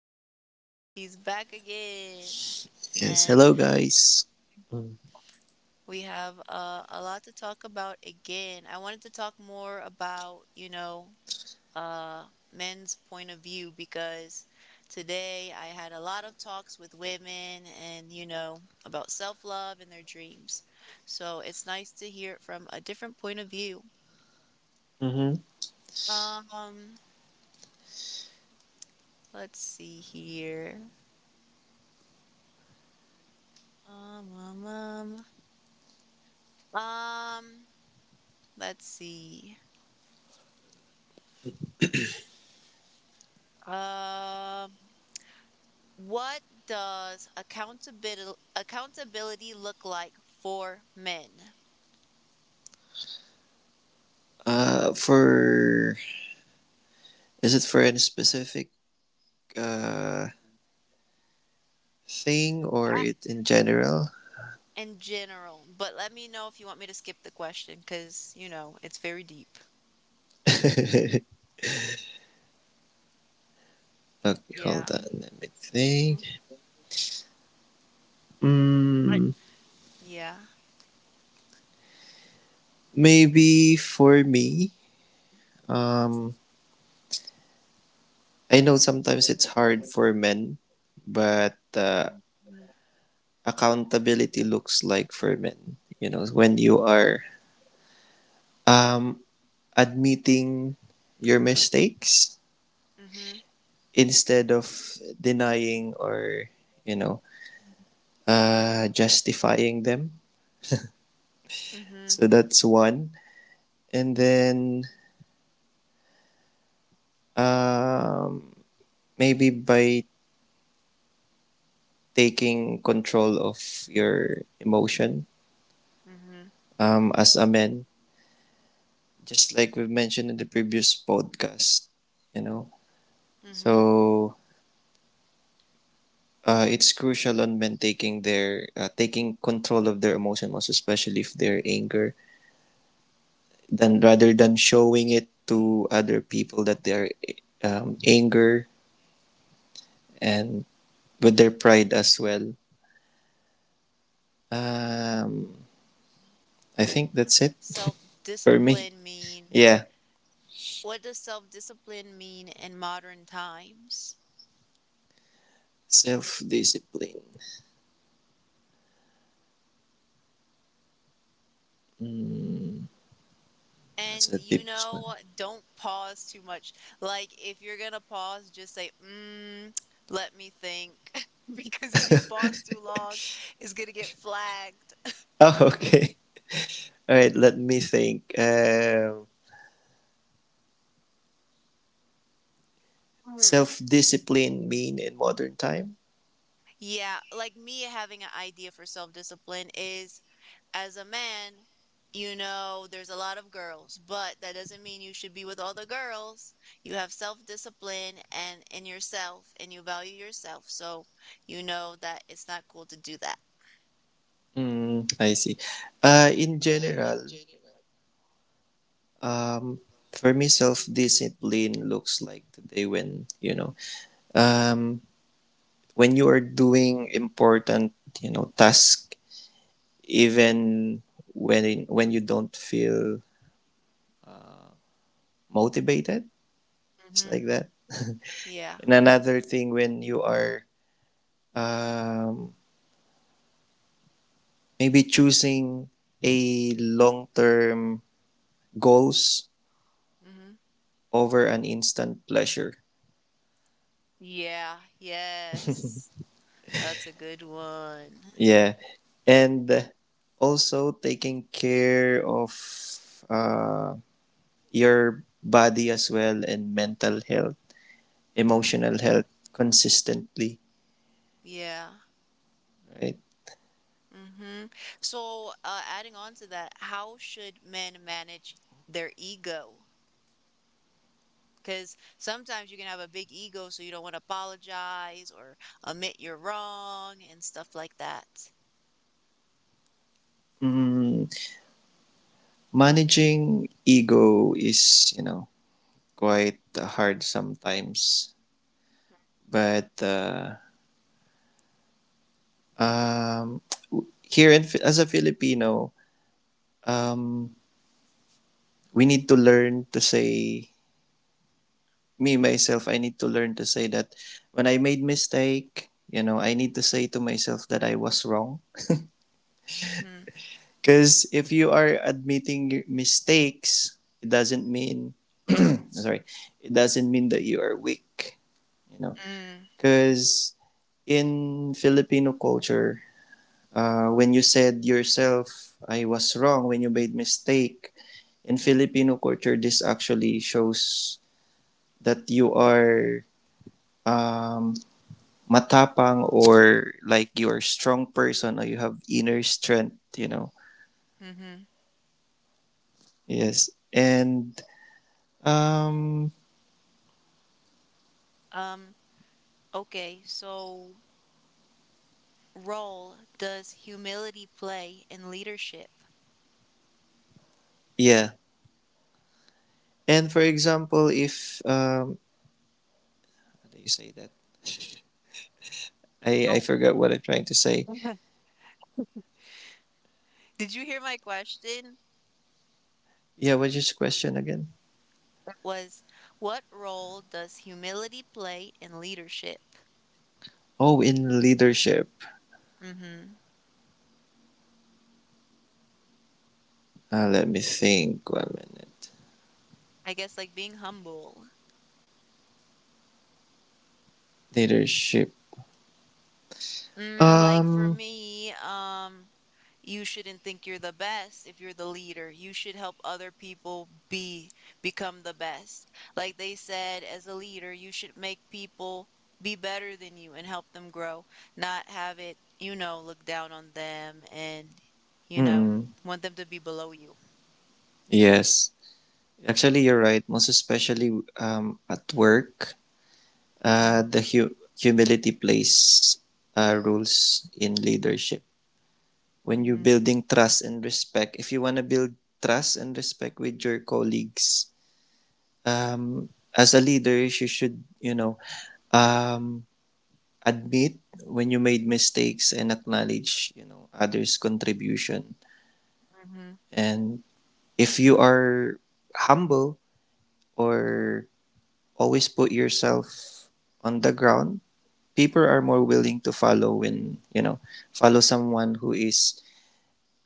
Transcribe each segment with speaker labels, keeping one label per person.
Speaker 1: Josh. He's back again.
Speaker 2: Yes,
Speaker 1: And
Speaker 2: hello guys.
Speaker 1: we have a lot to talk about again. I wanted to talk more about, you know, uh, men's point of view because today I had a lot of talks with women and, you know, about self-love and their dreams. So it's nice to hear it from a different point of view.
Speaker 2: Mm-hmm.
Speaker 1: Um, let's see here. Um, um, um. Um, let's see. Um, what does accountability look like for men.
Speaker 2: For Is it for any specific uh thing or
Speaker 1: A-
Speaker 2: it in general?
Speaker 1: in general? But let me know if you want me to skip the question because, you know, it's very deep.
Speaker 2: Okay,
Speaker 1: Yeah.
Speaker 2: hold on, let me
Speaker 1: Mhm.
Speaker 2: think.
Speaker 1: But
Speaker 2: Mm,
Speaker 1: yeah.
Speaker 2: Maybe for me. Um, I know sometimes it's hard for men, but accountability looks like for men. You know, when you are um admitting your mistakes
Speaker 1: Mm-hmm.
Speaker 2: instead of denying or you know justifying them.
Speaker 1: Mm-hmm.
Speaker 2: So that's one, and then um, maybe by taking control of your emotion
Speaker 1: Mm-hmm.
Speaker 2: as a man, just like we mentioned in the previous podcast, you know.
Speaker 1: Mm-hmm.
Speaker 2: So it's crucial on men taking control of their emotion, most especially if they're anger. Than Rather than showing it to other people that their anger and with their pride
Speaker 1: Yeah.
Speaker 2: as well.
Speaker 1: Mm-hmm.
Speaker 2: Um,
Speaker 1: So what
Speaker 2: I think that's
Speaker 1: does
Speaker 2: it for me.
Speaker 1: self-discipline mean?
Speaker 2: Yeah,
Speaker 1: What does self-discipline mean in modern times?
Speaker 2: self discipline. That's
Speaker 1: And
Speaker 2: the
Speaker 1: you
Speaker 2: deepest one.
Speaker 1: know, don't pause too much. Like if you're gonna pause, just say, mm, let me think. Because if you pause too long, it's gonna get flagged.
Speaker 2: Oh, okay. All right, let me think.
Speaker 1: Mhm.
Speaker 2: Self discipline mean in modern time?
Speaker 1: Yeah, like me having an idea for self-discipline is as a man, you know, there's a lot of girls, but that doesn't mean you should be with all the girls. You have self-discipline and in yourself and you value yourself. So you know that it's not cool to do that.
Speaker 2: Hmm, I see. In general, um, for me, self discipline looks like today when, you know, um, when you are doing important, you know, task, even when you don't feel motivated, it's
Speaker 1: hmm
Speaker 2: like that.
Speaker 1: Yeah.
Speaker 2: And another thing when you are um, maybe choosing a long term goals
Speaker 1: Mhm.
Speaker 2: over an instant pleasure.
Speaker 1: Yeah, yes. That's a good one.
Speaker 2: Yeah, and also taking care of uh, your body as well and mental health. Emotional
Speaker 1: Mhm.
Speaker 2: health consistently,
Speaker 1: Yeah.
Speaker 2: right?
Speaker 1: Mhm. So, adding on to that, how should men manage their ego? Because sometimes you can have a big ego, so you don't want to apologize or admit you're wrong and stuff like that.
Speaker 2: Mm, Managing ego is, you know, quite hard sometimes. But um, here as a Filipino, um, we need to learn to say, me, myself, I need to learn to say that when I made mistake, you know, I need to say to myself that I was wrong.
Speaker 1: Mhm.
Speaker 2: Because if you are admitting your mistakes, it doesn't mean sorry, it doesn't mean that you are weak. You know,
Speaker 1: Mm.
Speaker 2: because in Filipino culture, when you said yourself, "I was wrong," when you made mistake in Filipino culture, this actually shows that you are um, matapang or like you are a strong person or you have inner strength. You know,
Speaker 1: Mhm.
Speaker 2: yes, and um,
Speaker 1: Um, okay, so what role does humility play in leadership?
Speaker 2: yeah. And for example, if how do you say that? I
Speaker 1: Oh.
Speaker 2: forgot what I'm trying to say.
Speaker 1: Did you hear my question?
Speaker 2: Yeah, what's your question again?
Speaker 1: Was What role does humility play in leadership?
Speaker 2: Oh, in leadership.
Speaker 1: Mm-hmm.
Speaker 2: Let me think. One minute.
Speaker 1: I guess like being humble.
Speaker 2: Leadership.
Speaker 1: Mm, like for
Speaker 2: Um.
Speaker 1: me, you shouldn't think you're the best if you're the leader. You should help other people be become the best. Like they said, as a leader, you should make people be better than you and help them grow, not have it, you know, look down on them and, you know,
Speaker 2: mm
Speaker 1: want them to be below you.
Speaker 2: Yes. Actually, you're right. Most especially at work,
Speaker 1: hmm
Speaker 2: the humility plays rules in leadership. When you're
Speaker 1: Mhm,
Speaker 2: building trust and respect, if you want to build trust and respect with your colleagues, um, as a leader, you should, you know, um, admit when you made mistakes and acknowledge, you know, others' contribution.
Speaker 1: mhm,
Speaker 2: And if you are humble or always put yourself on the ground, people are more
Speaker 1: mhm.
Speaker 2: willing to follow when, you know, follow someone who is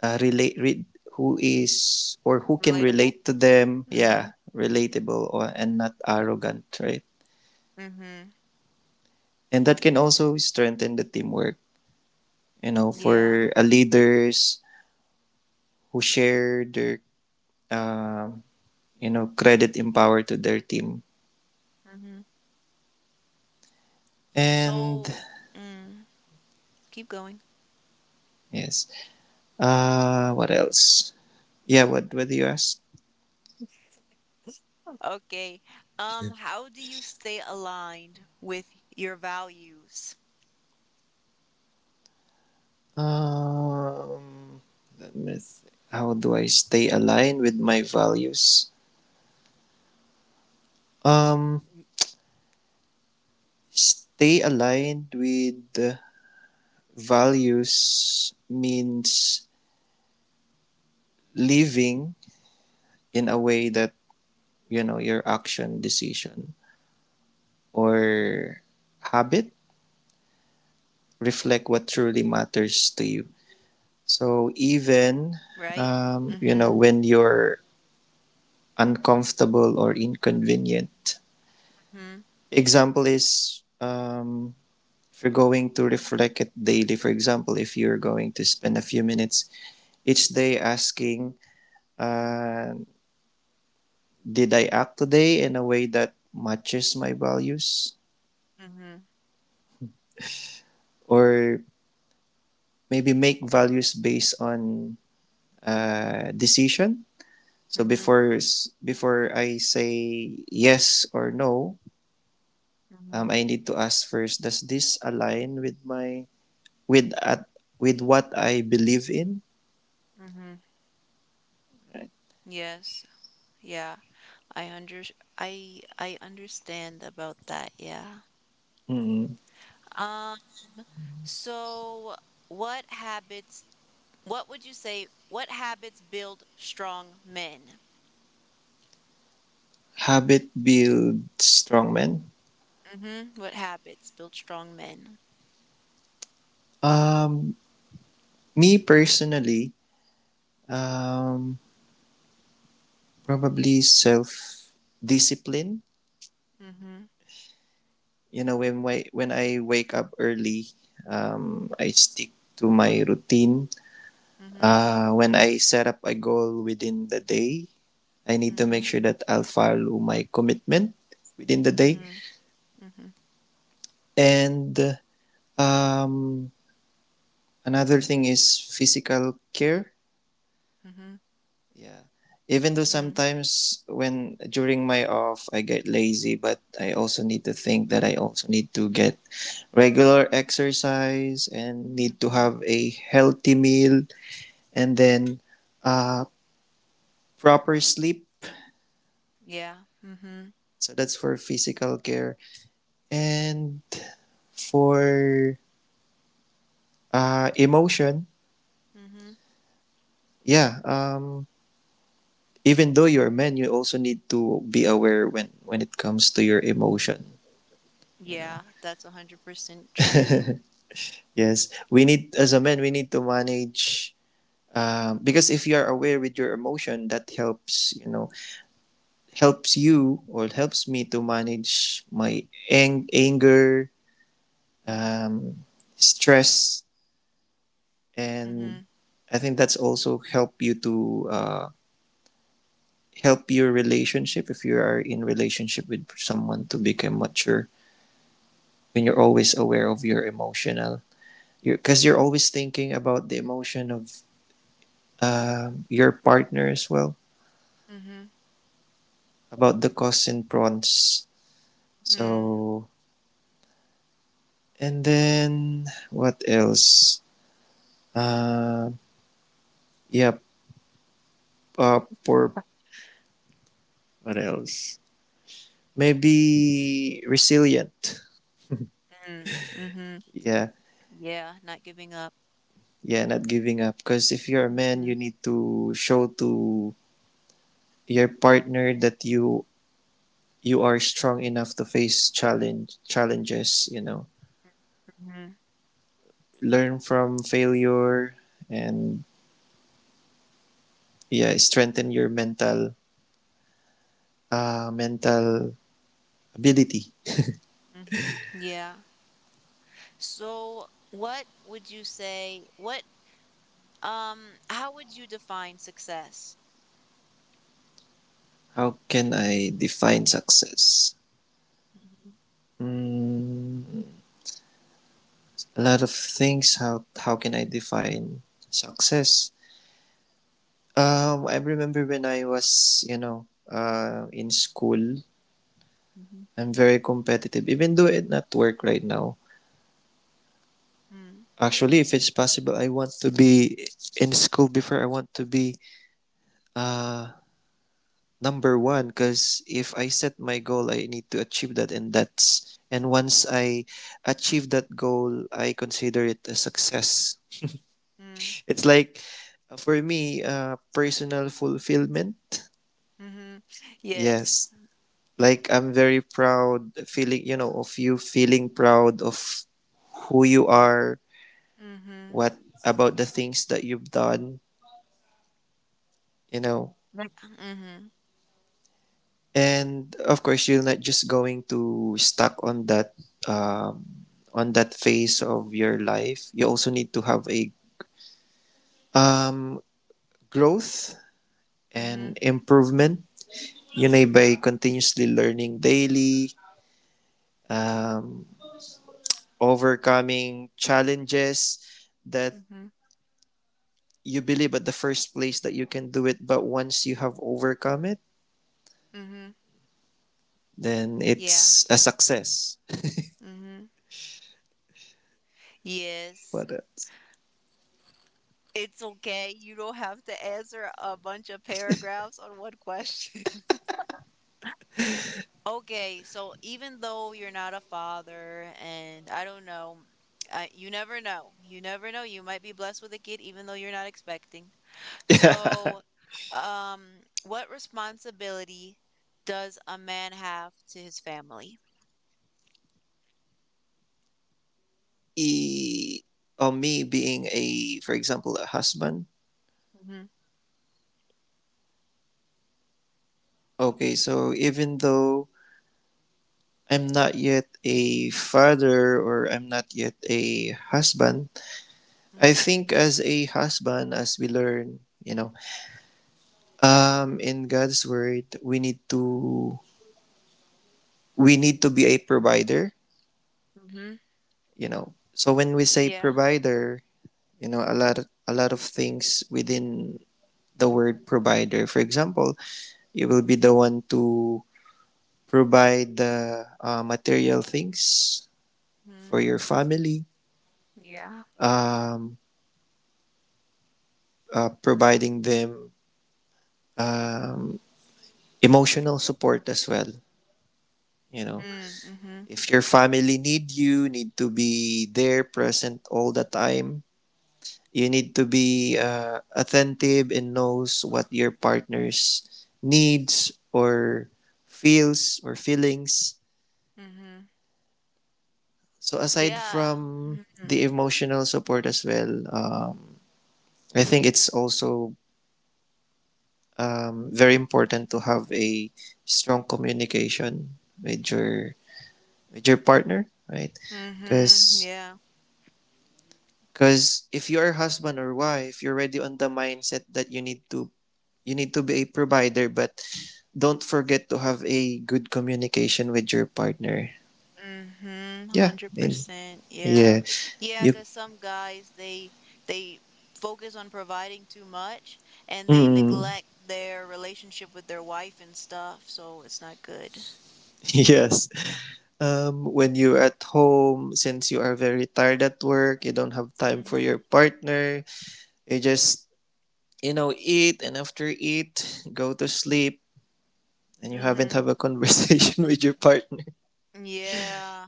Speaker 2: uh, relate re- or who can
Speaker 1: Relatable?
Speaker 2: relate to them.
Speaker 1: Mhm,
Speaker 2: Yeah, relatable or, and not arrogant, right?
Speaker 1: mhm.
Speaker 2: And that can also strengthen the teamwork, you know,
Speaker 1: Yeah.
Speaker 2: for leaders who share their, um, you know, credit and power to their team.
Speaker 1: Mhm.
Speaker 2: And
Speaker 1: So, mm, keep going.
Speaker 2: yes, what else? Yeah, what do you ask?
Speaker 1: Okay. How do you stay aligned with your values?
Speaker 2: Um, how do I stay aligned with my values? Um, Stay aligned with the values means living in a way that you know your action, decision,
Speaker 1: It's pleasing to
Speaker 2: or
Speaker 1: Jehovah,
Speaker 2: habit reflect what truly matters to you. So even
Speaker 1: right?
Speaker 2: you know
Speaker 1: Mhm,
Speaker 2: when you're uncomfortable or inconvenient.
Speaker 1: mhm,
Speaker 2: Example is if you're going to reflect it daily. For example, if you're going to spend a few minutes each day asking, uh, "Did I act today in a way that matches my values?"
Speaker 1: mhm,
Speaker 2: Or maybe make values based on decision. So
Speaker 1: mhm,
Speaker 2: before I say yes or no,
Speaker 1: mhm,
Speaker 2: I need to ask first: Does this align with my with at with what I believe in?
Speaker 1: mhm. Yes. Yeah. I under I understand about that. Yeah.
Speaker 2: Mm-mm.
Speaker 1: Um, so what habits What would you say what habits build strong men?
Speaker 2: Habit build strong men.
Speaker 1: Mhm. What habits build strong men?
Speaker 2: Um, me personally, um, probably self discipline.
Speaker 1: Mhm.
Speaker 2: You know, when I wake up early, I stick to my routine.
Speaker 1: Mhm.
Speaker 2: When I set up a goal within the day, I need to make
Speaker 1: Mhm.
Speaker 2: sure that I'll follow my commitment within the day.
Speaker 1: Mhm. Mhm.
Speaker 2: And um, another thing is physical care.
Speaker 1: Mhm.
Speaker 2: Yeah. Even though
Speaker 1: Mm.
Speaker 2: sometimes when during my off I get lazy, but I also need to think that I also need to get regular exercise and need to
Speaker 1: Mhm.
Speaker 2: have a healthy meal, and then uh, proper sleep.
Speaker 1: Yeah. Mhm.
Speaker 2: So that's for physical care. And for emotion,
Speaker 1: Mhm.
Speaker 2: yeah, even though you're a man you also need to be aware when it comes to your emotion, you know.
Speaker 1: Yeah, that's 100% true.
Speaker 2: Yes, we need, as a man we need to manage, because if you are aware with your emotion, that helps, you know, helps you or helps me to manage my anger,
Speaker 1: Mhm.
Speaker 2: um, stress, and
Speaker 1: Mhm.
Speaker 2: I think that's also help you to help your relationship, if you are in relationship with someone, to become mature when you're always aware of your emotional, because you're always thinking about the emotion of your partner as well,
Speaker 1: Mhm.
Speaker 2: about the cons and pros.
Speaker 1: Mm.
Speaker 2: So and then, what else? uh, yeah. Poor What else? Maybe resilient.
Speaker 1: Mm. Mhm.
Speaker 2: Yeah.
Speaker 1: Yeah, not giving up.
Speaker 2: Yeah, not giving up, because if you're a man you
Speaker 1: Mhm.
Speaker 2: need to show to your partner that you are strong enough to face challenges, you know.
Speaker 1: Mhm.
Speaker 2: Learn from failure, and yeah, strengthen your mental mental ability.
Speaker 1: Mhm. Yeah. So, what would you say what how would you define success?
Speaker 2: How can I define success?
Speaker 1: Mhm,
Speaker 2: mm, a lot of things. How can I define success? I remember when I was, you know, in school.
Speaker 1: mhm,
Speaker 2: I'm very competitive even though it not work right now.
Speaker 1: mm,
Speaker 2: Actually, if it's possible, I want to be in school before, I want to be uh, number one, because if I set my goal I need to achieve that, and once I achieve that goal I consider it a success.
Speaker 1: mm,
Speaker 2: It's like for me, personal fulfillment.
Speaker 1: mhm. Yes.
Speaker 2: Yes, like I'm very proud feeling, you know, of you feeling proud of who you are,
Speaker 1: Mhm.
Speaker 2: what about the things that you've done, you know.
Speaker 1: Like, mhm,
Speaker 2: And of course, you're not just going to stuck on that, um, on that phase of your life. You also need to have a um, growth and
Speaker 1: mhm,
Speaker 2: improvement. Yun ay by continuously learning daily, um, overcoming challenges that
Speaker 1: mhm,
Speaker 2: you believe at the first place that you can do it, but once you have overcome it,
Speaker 1: mhm.
Speaker 2: then
Speaker 1: Yeah.
Speaker 2: it's a success.
Speaker 1: Mhm. Yes.
Speaker 2: What else?
Speaker 1: It's okay. You don't have to answer a bunch of paragraphs on one question. Okay, so even though you're not a father, and I don't know, you never know. You never know. You might be blessed with a kid even though you're not expecting. So,
Speaker 2: Yeah.
Speaker 1: um, what responsibility does a man have to his family?
Speaker 2: e Or me being a, for example, a husband.
Speaker 1: Mm-hmm.
Speaker 2: Okay, so even though I'm not yet a father or I'm not yet a husband, I think as a husband, as we learn, you know, in God's word, we need to be a provider.
Speaker 1: Mm-hmm. Mm-hmm.
Speaker 2: You know, so when we say
Speaker 1: Yeah.
Speaker 2: provider, you know, a lot of things within the word provider, for example, you will be the one to provide the material things
Speaker 1: Mm,
Speaker 2: for your family,
Speaker 1: yeah.
Speaker 2: um, providing them um, emotional support as well. You know,
Speaker 1: Mm, mm-hmm.
Speaker 2: if your family need you, need to be there, present all the time. You need to be attentive and knows what your partner's needs or feels or feelings.
Speaker 1: Mm-hmm.
Speaker 2: So aside
Speaker 1: Yeah.
Speaker 2: from
Speaker 1: Mm-hmm.
Speaker 2: the emotional support as well, I think it's also very important to have a strong communication with your partner, right?
Speaker 1: Mm-hmm.
Speaker 2: Because
Speaker 1: Yeah.
Speaker 2: because if you're husband or wife, you're already on the mindset that you need to be a provider, but don't forget to have a good communication with your partner.
Speaker 1: Mm-hmm.
Speaker 2: Yeah, and
Speaker 1: 100%.
Speaker 2: yeah,
Speaker 1: Yeah. Yeah,
Speaker 2: you.
Speaker 1: 'cause some guys they focus on providing too much and they
Speaker 2: Mm,
Speaker 1: neglect their relationship with their wife and stuff, so it's not good.
Speaker 2: yes. When you're at home, since you are very tired at work, you don't have time for your
Speaker 1: Mm-hmm.
Speaker 2: partner. You just, you know, eat and after eat, go to sleep, and you haven't
Speaker 1: Mm-hmm.
Speaker 2: have a conversation with your partner.
Speaker 1: Yeah.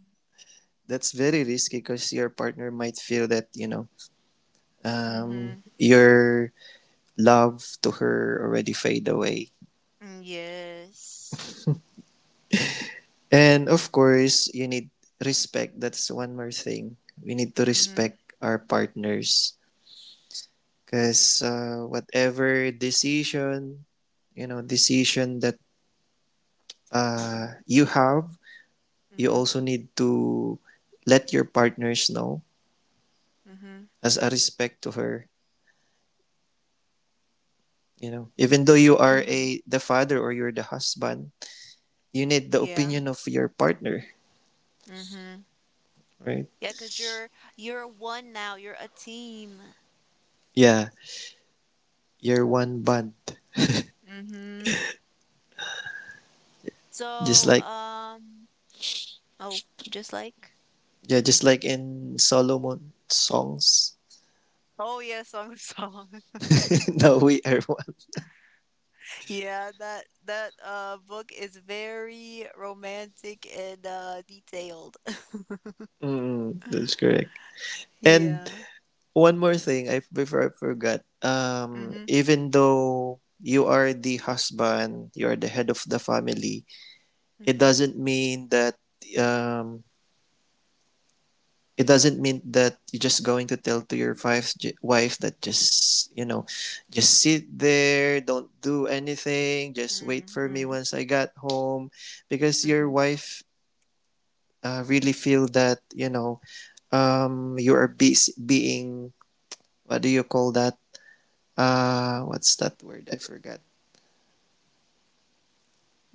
Speaker 2: That's very risky because your partner might feel that, you know,
Speaker 1: Mhm.
Speaker 2: your love to her already fade away.
Speaker 1: Mm, yes.
Speaker 2: And of course, you need respect. That's one more thing. We need to
Speaker 1: Mhm.
Speaker 2: respect our partners because whatever decision, you know, decision that you have, you
Speaker 1: Mhm.
Speaker 2: also need to let your partners know
Speaker 1: Mhm.
Speaker 2: as a respect to her, you know, even though
Speaker 1: Y-
Speaker 2: you are
Speaker 1: mhm.
Speaker 2: a the father or you're the husband, you need the
Speaker 1: Yeah.
Speaker 2: opinion of your partner,
Speaker 1: Mhm.
Speaker 2: right?
Speaker 1: Yeah, 'cause you're one now. You're a team.
Speaker 2: Yeah, you're one bond,
Speaker 1: Mhm.
Speaker 2: just
Speaker 1: So,
Speaker 2: like,
Speaker 1: oh, just like
Speaker 2: yeah, just like in Solomon songs.
Speaker 1: Oh yeah, Song of Solomon.
Speaker 2: Now we are one.
Speaker 1: Yeah, that book is very romantic and detailed.
Speaker 2: That's correct. And
Speaker 1: Yeah.
Speaker 2: one more thing, I before I forgot,
Speaker 1: Mhm.
Speaker 2: even though you are the husband you are the head of the family, it
Speaker 1: Mm-hmm.
Speaker 2: doesn't mean that um, it doesn't mean that you're just going to tell to your wife, that just, you know, just sit there, don't do anything, just wait
Speaker 1: Mm-hmm.
Speaker 2: for
Speaker 1: mm,
Speaker 2: me
Speaker 1: mm,
Speaker 2: once I got home. Because your
Speaker 1: Mm-hmm.
Speaker 2: wife really feel that, you know, you are being, what do you call that? What's that word? I forgot.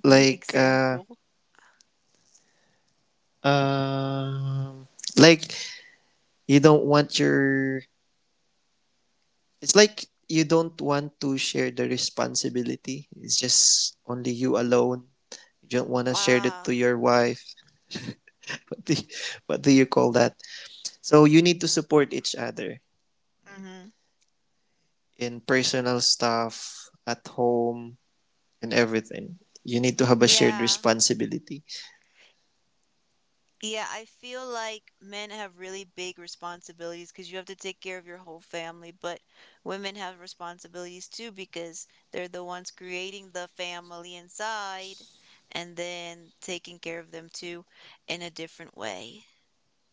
Speaker 1: Give me
Speaker 2: Like,
Speaker 1: example.
Speaker 2: um uh, like you don't want your it's like you don't want to share the responsibility. It's just only you alone. You don't want to share it
Speaker 1: Ah,
Speaker 2: to your wife. What do you, what do you call that? So you need to support each other, right?
Speaker 1: mhm.
Speaker 2: In personal stuff, at home, and everything. You need to have a shared
Speaker 1: Yeah.
Speaker 2: responsibility.
Speaker 1: Yeah, I feel like men have really big responsibilities because you have to take care of your whole family, but women have responsibilities too because they're the ones creating the family inside and then taking care of them too in a different way.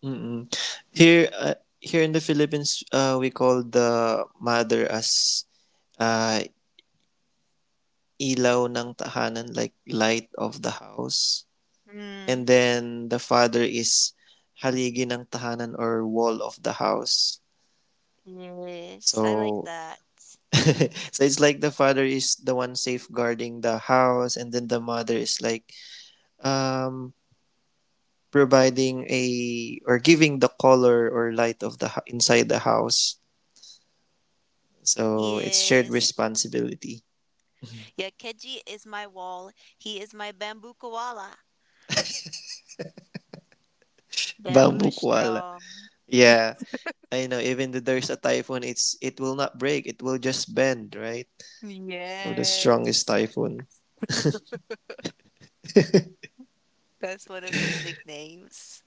Speaker 2: Mm-mm. Here, here in the Philippines, we call the mother as uh, ilaw ng tahanan, like light of the house. And
Speaker 1: Mm,
Speaker 2: then the father is haligi ng tahanan, or wall of the house.
Speaker 1: yes, I like
Speaker 2: So
Speaker 1: that.
Speaker 2: so it's like the father is the one safeguarding the house, and then the mother is like um providing a or giving the color or light of the inside the house. So it's shared
Speaker 1: Yes.
Speaker 2: responsibility.
Speaker 1: Yeah, Keji is my wall. He is my bamboo koala. Bamboo
Speaker 2: Bamboo
Speaker 1: is
Speaker 2: koala.
Speaker 1: strong.
Speaker 2: Yeah, I know. Even if there's a typhoon, it will not break. It will just bend, right? Or the
Speaker 1: Yes.
Speaker 2: strongest typhoon.
Speaker 1: That's one of his nicknames.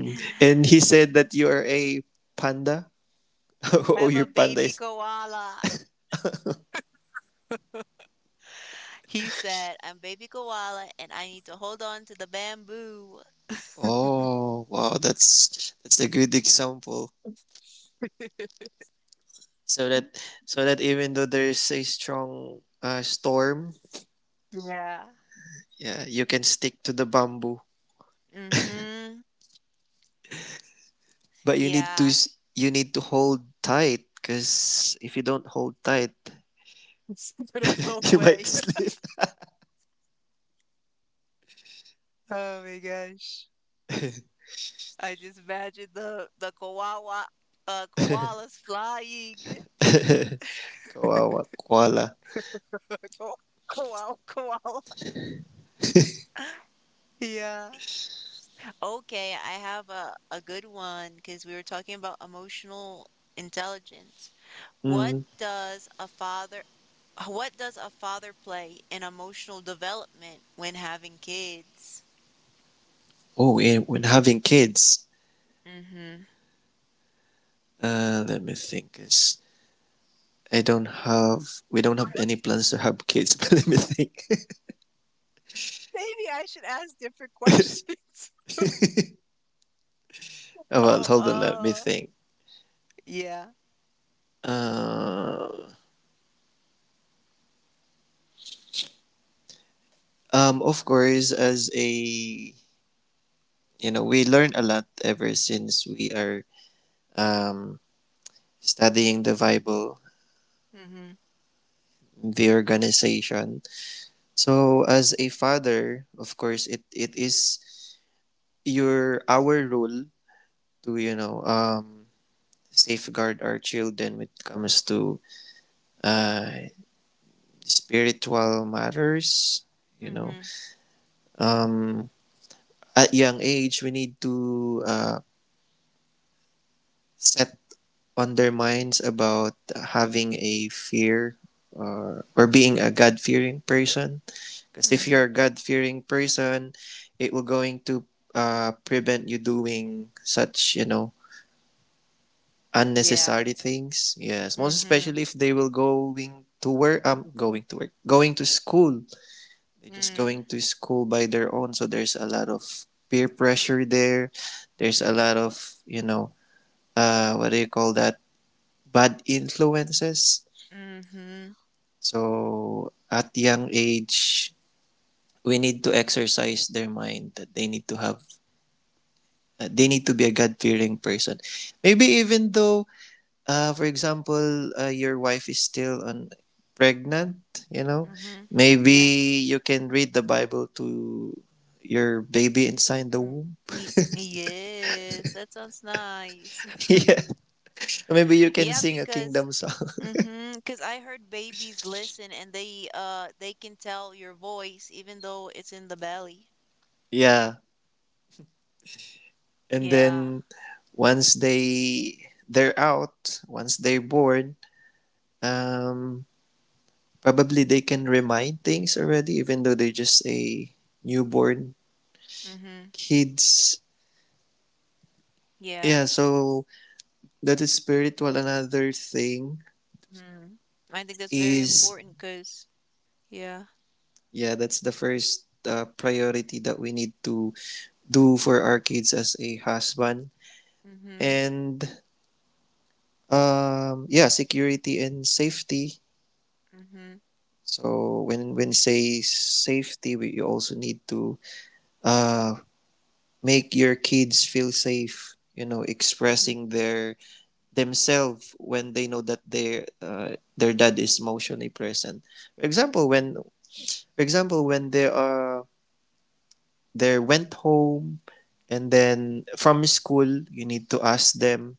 Speaker 2: And he said that you are a panda. Oh,
Speaker 1: I'm
Speaker 2: your
Speaker 1: a
Speaker 2: panda
Speaker 1: baby
Speaker 2: is.
Speaker 1: koala. He said, I'm baby koala and I need to hold on to the bamboo.
Speaker 2: Oh, wow, that's a good example. So that so that even though there is a strong storm,
Speaker 1: Yeah.
Speaker 2: yeah, you can stick to the bamboo.
Speaker 1: Mm-hmm.
Speaker 2: But you need to
Speaker 1: Yeah.
Speaker 2: you need to hold tight, because if you don't hold tight,
Speaker 1: It's gonna blow
Speaker 2: you
Speaker 1: away.
Speaker 2: might slip.
Speaker 1: Oh my gosh. I just imagine the koala koalas flying.
Speaker 2: Kawawa koala.
Speaker 1: Ko- Koala koala. Yeah. Okay, I have a good one because we were talking about emotional intelligence. What
Speaker 2: Mm.
Speaker 1: does a father, what does a father play in emotional development when having kids?
Speaker 2: Oh, and when having kids,
Speaker 1: Mm-hmm.
Speaker 2: let me think. Is I don't have. We don't have any plans to have kids. But let me think.
Speaker 1: Maybe I should ask different questions.
Speaker 2: Well,
Speaker 1: Oh,
Speaker 2: hold on. Let me think.
Speaker 1: yeah.
Speaker 2: Uh, of course, as a we learn a lot ever since we are um studying the Bible,
Speaker 1: Mm-hmm.
Speaker 2: the organization. So, as a father, of course, it is your our role to safeguard our children when it comes to uh spiritual matters, you know
Speaker 1: Mm-hmm.
Speaker 2: um at young age we need to, set on their minds about having a fear or, being a god fearing person, because if
Speaker 1: Mm-hmm.
Speaker 2: you're a god fearing person it will going to, prevent you doing such,
Speaker 1: Yeah.
Speaker 2: unnecessary things. Yes, most
Speaker 1: Mm-hmm.
Speaker 2: especially if they will going to work, going to work, going to school. They're just
Speaker 1: Mm-hmm.
Speaker 2: going to school by their own, so there's a lot of peer pressure there. There's a lot of, you know, what do you call that? Bad influences.
Speaker 1: Mm-hmm.
Speaker 2: So at young age, we need to exercise their mind that they need to have, they need to be a God fearing person. Maybe, even though, for example, your wife is still on pregnant, you know,
Speaker 1: Mm-hmm. Yeah.
Speaker 2: maybe you can read the Bible to your baby inside the
Speaker 1: Mm,
Speaker 2: womb.
Speaker 1: Yes, that sounds nice.
Speaker 2: Yeah, maybe you can
Speaker 1: Yeah,
Speaker 2: sing a
Speaker 1: because
Speaker 2: kingdom song.
Speaker 1: mm-hmm, because I heard babies listen and they can tell your voice even though it's in the belly.
Speaker 2: Yeah, and
Speaker 1: Yeah.
Speaker 2: then once they're out, once they're born, um, probably they can remind things already, even though they're just a newborn
Speaker 1: Mm-hmm.
Speaker 2: kids.
Speaker 1: Yeah.
Speaker 2: Yeah, so that is spiritual. Another thing
Speaker 1: Mm-hmm. I think that's very
Speaker 2: is,
Speaker 1: important because yeah.
Speaker 2: yeah, that's the first, priority that we need to do for our kids as a husband.
Speaker 1: Mm-hmm.
Speaker 2: And, yeah, security and safety.
Speaker 1: Mm-hmm.
Speaker 2: So when say safety, you also need to, uh, make your kids feel safe. You know,
Speaker 1: Mm-hmm.
Speaker 2: expressing their themselves when they know that their dad is emotionally present. For example, when
Speaker 1: Mm-hmm.
Speaker 2: for example when they are they went home and then from school, you need to ask them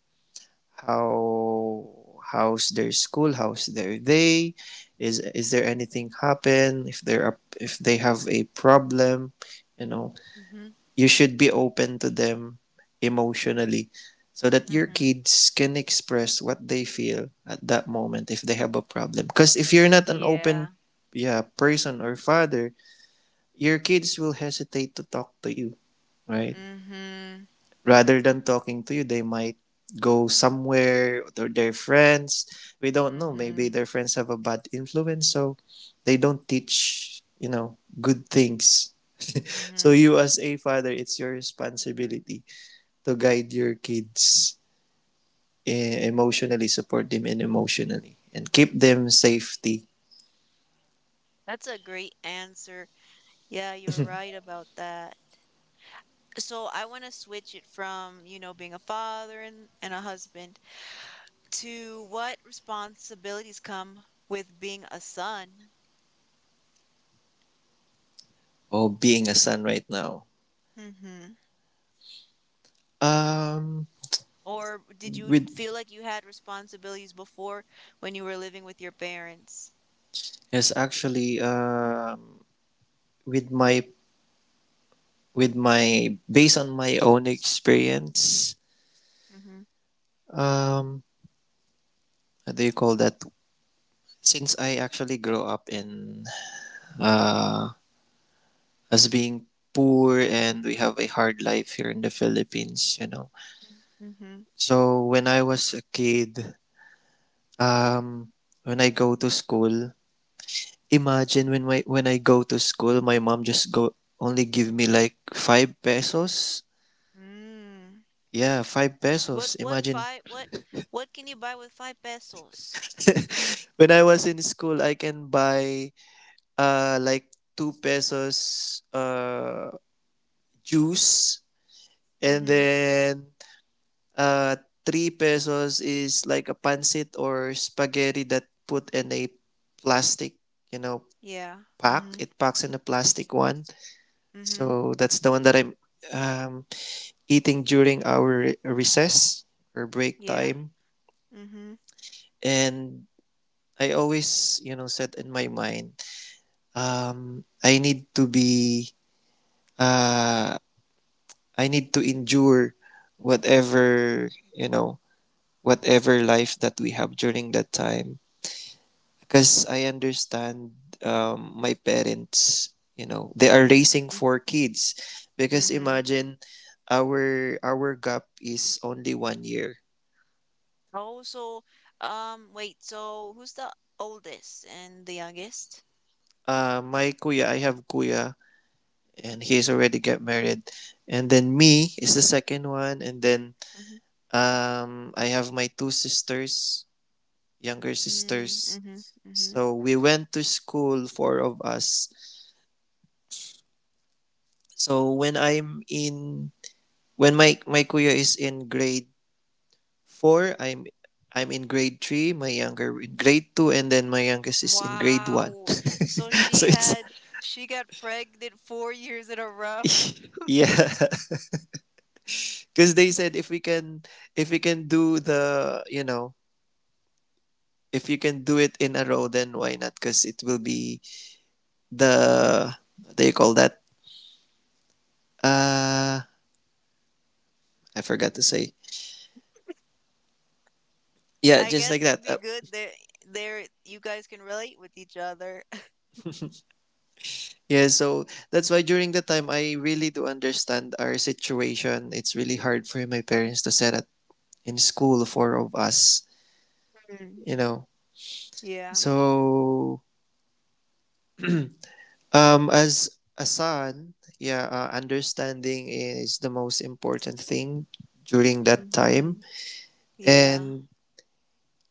Speaker 2: how, how's their school, how's their day, is there anything happen, if they're up, if they have a problem, you know,
Speaker 1: Mm-hmm.
Speaker 2: you should be open to them emotionally, so that your
Speaker 1: Mm-hmm.
Speaker 2: kids can express what they feel at that moment if they have a problem. Because if you're not an open,
Speaker 1: Yeah.
Speaker 2: yeah, person or father, your kids will hesitate to talk to you, right?
Speaker 1: Mm-hmm.
Speaker 2: Rather than talking to you, they might go somewhere or their friends. We don't know, maybe
Speaker 1: Mm-hmm.
Speaker 2: their friends have a bad influence, so they don't teach, you know, good things. So
Speaker 1: Mm-hmm.
Speaker 2: you, as a father, it's your responsibility to guide your kids, emotionally support them in emotionally and keep them safety.
Speaker 1: That's a great answer. Yeah, you're right about that. So I want to switch it from, you know, being a father and, a husband to what responsibilities come with being a son?
Speaker 2: Oh, being a son right now,
Speaker 1: Mm-hmm.
Speaker 2: um
Speaker 1: Or did you
Speaker 2: with
Speaker 1: feel like you had responsibilities before when you were living with your parents?
Speaker 2: yes, actually, with my with my based on my own experience,
Speaker 1: Mm-hmm.
Speaker 2: um how do you call that, since I actually grew up in, uh as being poor, and we have a hard life here in the Philippines, you know.
Speaker 1: Mm-hmm.
Speaker 2: So when I was a kid, um when I go to school, imagine, when I go to school, my mom just go only give me like five pesos.
Speaker 1: Mm.
Speaker 2: Yeah, five pesos,
Speaker 1: What
Speaker 2: imagine.
Speaker 1: five what can you buy with five pesos?
Speaker 2: When I was in school, I can buy, like 2 pesos juice, and
Speaker 1: Mm-hmm.
Speaker 2: then, uh 3 pesos is like a pancit or spaghetti that put in a plastic, you know,
Speaker 1: Yeah.
Speaker 2: pack.
Speaker 1: Mm-hmm.
Speaker 2: It packs in a plastic one.
Speaker 1: Mm-hmm.
Speaker 2: So that's the one that I'm, um, eating during our recess or break
Speaker 1: Yeah.
Speaker 2: time.
Speaker 1: Mm-hmm.
Speaker 2: And I always, you know, set in my mind, I need to be, uh, I need to endure, whatever, you know, whatever life that we have during that time. Because I understand, my parents, you know, they are raising
Speaker 1: Mm-hmm.
Speaker 2: four kids. Because
Speaker 1: Mm-hmm.
Speaker 2: imagine, our gap is only 1 year.
Speaker 1: Oh, so wait, so who's the oldest and the youngest?
Speaker 2: My kuya, I have kuya, and he's already get married. And then me is the second one, and then, I have my two sisters, younger
Speaker 1: Mm,
Speaker 2: sisters.
Speaker 1: mhm, mhm.
Speaker 2: So we went to school, four of us. So when my kuya is in grade four, I'm in grade three, my younger in grade two, and then my youngest is in grade one.
Speaker 1: Wow. So
Speaker 2: so
Speaker 1: she
Speaker 2: it's
Speaker 1: had she got pregnant 4 years in a row.
Speaker 2: yeah, because they said if we can do the, you know, if you can do it in a row, then why not? Because it will be the, what do you call that? Uh, I forgot to say. Yeah,
Speaker 1: I
Speaker 2: just like
Speaker 1: guess it'd
Speaker 2: that.
Speaker 1: be good that there you guys can relate with each other.
Speaker 2: Yeah, so that's why during the time I really do understand our situation. It's really hard for my parents to set up in school four of us,
Speaker 1: Mm,
Speaker 2: you know.
Speaker 1: yeah.
Speaker 2: So as a son, yeah, understanding is the most important thing during that
Speaker 1: Mm-hmm.
Speaker 2: time.
Speaker 1: Yeah.
Speaker 2: And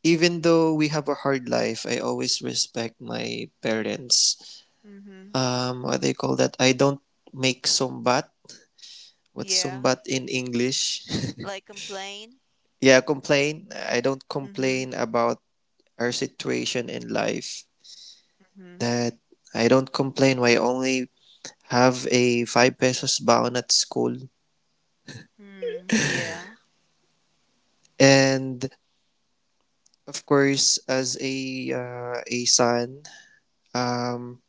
Speaker 2: even though we have a hard life, I always respect my parents.
Speaker 1: Mm-hmm.
Speaker 2: Um, what they call that? I don't make sumbat. What's
Speaker 1: Yeah.
Speaker 2: sumbat in English?
Speaker 1: Like complain.
Speaker 2: Yeah, complain, I don't
Speaker 1: Mm-hmm.
Speaker 2: complain about our situation in life,
Speaker 1: Mm-hmm.
Speaker 2: that I don't complain why I only have a 5 pesos baon at school.
Speaker 1: Mm, yeah.
Speaker 2: And, of course, as a, a son, um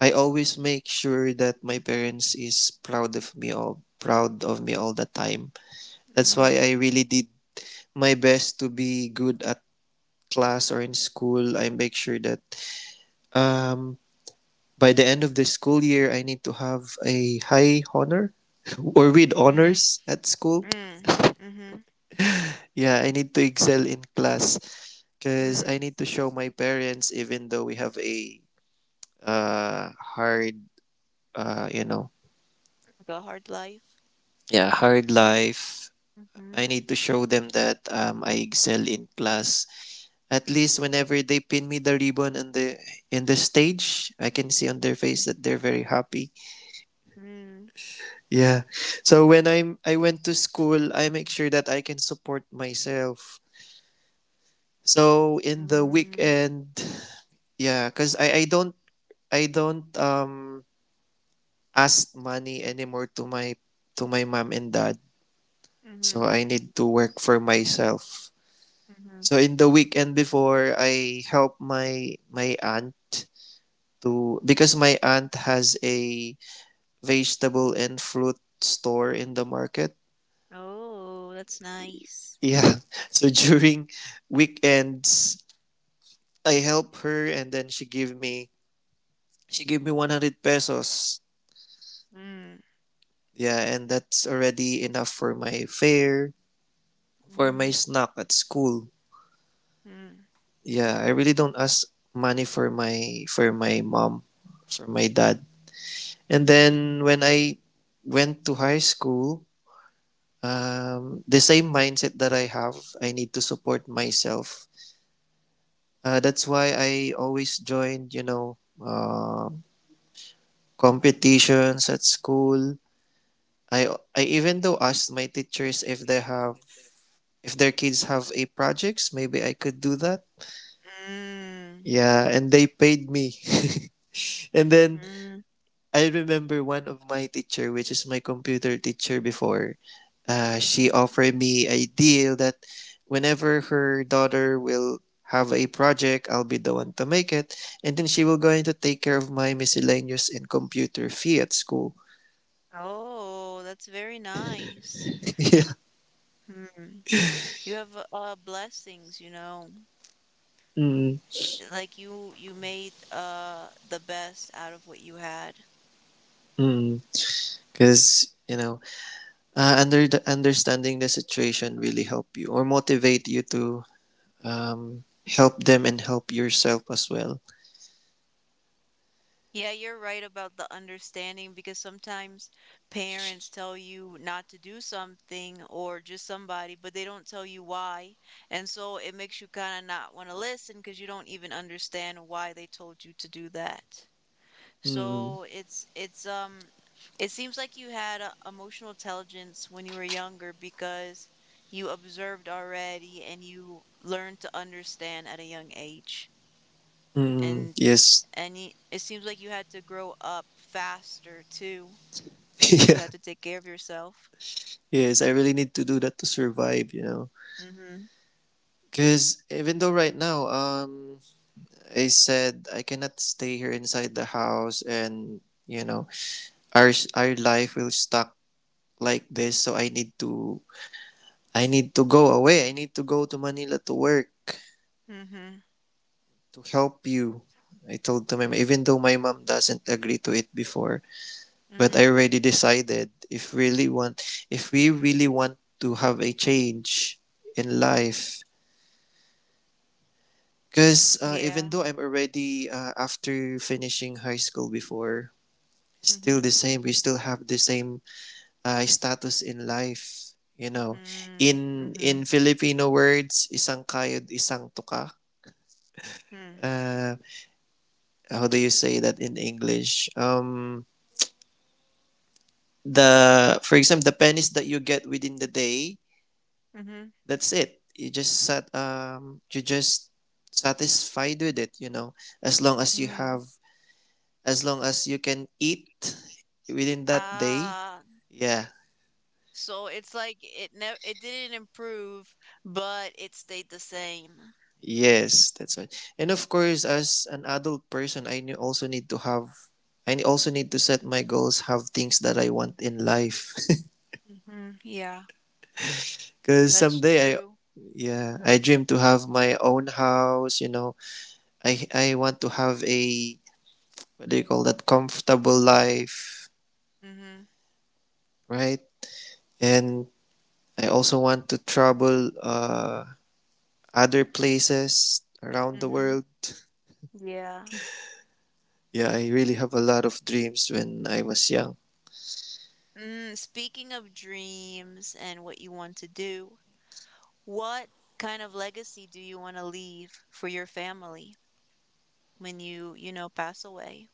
Speaker 2: I always make sure that my parents is proud of me all proud of me all the time. That's why
Speaker 1: Mm-hmm.
Speaker 2: I really did my best to be good at class or in school. I make sure that, um by the end of the school year, I need to have a high honor or with
Speaker 1: Mm,
Speaker 2: honors at school.
Speaker 1: mm, mm-hmm.
Speaker 2: Yeah, I need to excel in class because I
Speaker 1: Mm.
Speaker 2: need to show my parents, even though we have a, hard, you know,
Speaker 1: Like a hard life.
Speaker 2: yeah, hard life.
Speaker 1: Mm-hmm.
Speaker 2: I need to show them that, I excel in class. At least whenever they pin me the ribbon in the, in the stage, I can see on their
Speaker 1: Mm-hmm.
Speaker 2: face that they're very happy.
Speaker 1: Mm.
Speaker 2: Yeah. So when I'm I went to school, I make sure that I can support myself. So in the
Speaker 1: Mm.
Speaker 2: weekend, yeah, cuz I don't, I don't um ask money anymore to my, to my mom and dad.
Speaker 1: Mm-hmm.
Speaker 2: So I need to work for myself.
Speaker 1: Mm-hmm.
Speaker 2: So in the weekend before, I help my, my aunt to, because my aunt has a vegetable and fruit store in the market.
Speaker 1: Oh, that's nice.
Speaker 2: Yeah. So during weekends, I help her, and then she gave me 100 pesos.
Speaker 1: Mm,
Speaker 2: Yeah, and that's already enough for my fare, for my
Speaker 1: mhm,
Speaker 2: snack at school.
Speaker 1: mm,
Speaker 2: Yeah, I really don't ask money for my, for my mom, for my dad. And
Speaker 1: mhm,
Speaker 2: then when I went to high school, the same mindset that I have, I need to support myself. That's why I always joined, you know, competitions at school. I I even though asked my teachers if they have, if their kids have a projects, maybe I could do that.
Speaker 1: mm,
Speaker 2: Yeah, and they paid me. And then
Speaker 1: mm,
Speaker 2: I remember one of my teacher, which is my computer teacher before, she
Speaker 1: mhm.
Speaker 2: offered me a deal that whenever her daughter will have a project, I'll be the one to make it, and then she will going to take care of my miscellaneous and computer fee at school.
Speaker 1: Oh, that's very nice.
Speaker 2: Yeah,
Speaker 1: Hmm. You have blessings, you know.
Speaker 2: because,
Speaker 1: Like you made the best out of what you had.
Speaker 2: mm-hmm, you know, under the understanding the situation really help you or motivate you to, help them and help yourself as well.
Speaker 1: Yeah, you're right about the understanding because sometimes parents tell you not to do something or just somebody, but they don't tell you why. And so it makes you kind of not want to listen because you don't even understand why they told you to do that.
Speaker 2: Mm,
Speaker 1: So it seems like you had a, emotional intelligence when you were younger because you observed already and you learned to understand at a young age.
Speaker 2: mm,
Speaker 1: And
Speaker 2: yes,
Speaker 1: and y it seems like you had to grow up faster too, since you
Speaker 2: yeah,
Speaker 1: had to take care of yourself.
Speaker 2: yes. I really need to do that to survive, you know.
Speaker 1: Mhm.
Speaker 2: Because even though right now, I said I cannot stay here inside the house, and you know, our life will stuck like this. So I need to go away. I need to go to Manila to work.
Speaker 1: Mhm.
Speaker 2: To help you. I told to my mom, even though my mom doesn't agree to it before, but I
Speaker 1: Mhm.
Speaker 2: already decided if really want, if we really want to have a change in life, because even
Speaker 1: Yeah.
Speaker 2: though I'm already after finishing high school before, still
Speaker 1: Mhm.
Speaker 2: the same. We still have the same status in life. You know,
Speaker 1: Mm.
Speaker 2: in
Speaker 1: Mhm.
Speaker 2: Filipino words, isang kayod, isang tuka.
Speaker 1: Mm.
Speaker 2: Uh, how do you say that in English? The for example the pennies that you get within the day,
Speaker 1: Mhm.
Speaker 2: that's it, you just sat, you just satisfied with it, you know, as long as you
Speaker 1: Mm.
Speaker 2: have, as long as you can eat within that day,
Speaker 1: Ah,
Speaker 2: yeah.
Speaker 1: so it's like it didn't improve, but it stayed the same.
Speaker 2: Yes, that's right. And of course, as an adult person, also need to have, also need to set my goals, have things that I want in life.
Speaker 1: Mhm. Yeah,
Speaker 2: Because
Speaker 1: that's
Speaker 2: someday I,
Speaker 1: true.
Speaker 2: yeah, I dream to have my own house, you know. I want to have a, what do you call that, comfortable life,
Speaker 1: Mhm.
Speaker 2: right? And I also want to travel other places around the
Speaker 1: Mhm.
Speaker 2: world.
Speaker 1: Yeah.
Speaker 2: Yeah, I really have a lot of dreams when I was young.
Speaker 1: Mm, speaking of dreams and what you want to do, What kind of legacy do you want to leave for your family when you know, pass away?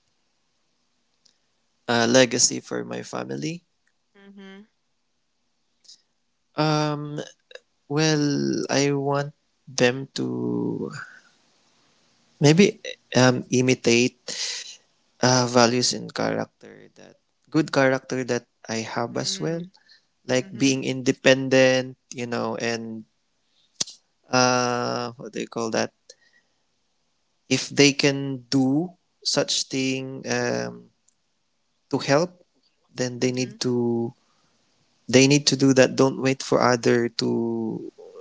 Speaker 2: A legacy for my family.
Speaker 1: Mm-hmm.
Speaker 2: Um well, I want them to maybe imitate values and character that, good character that I have as well.
Speaker 1: Mm,
Speaker 2: Like
Speaker 1: mm-hmm.
Speaker 2: being independent, you know, and what do you call that? If they can do such thing, to help, then they need
Speaker 1: Mm-hmm.
Speaker 2: to, they need to do that. Don't wait for other to,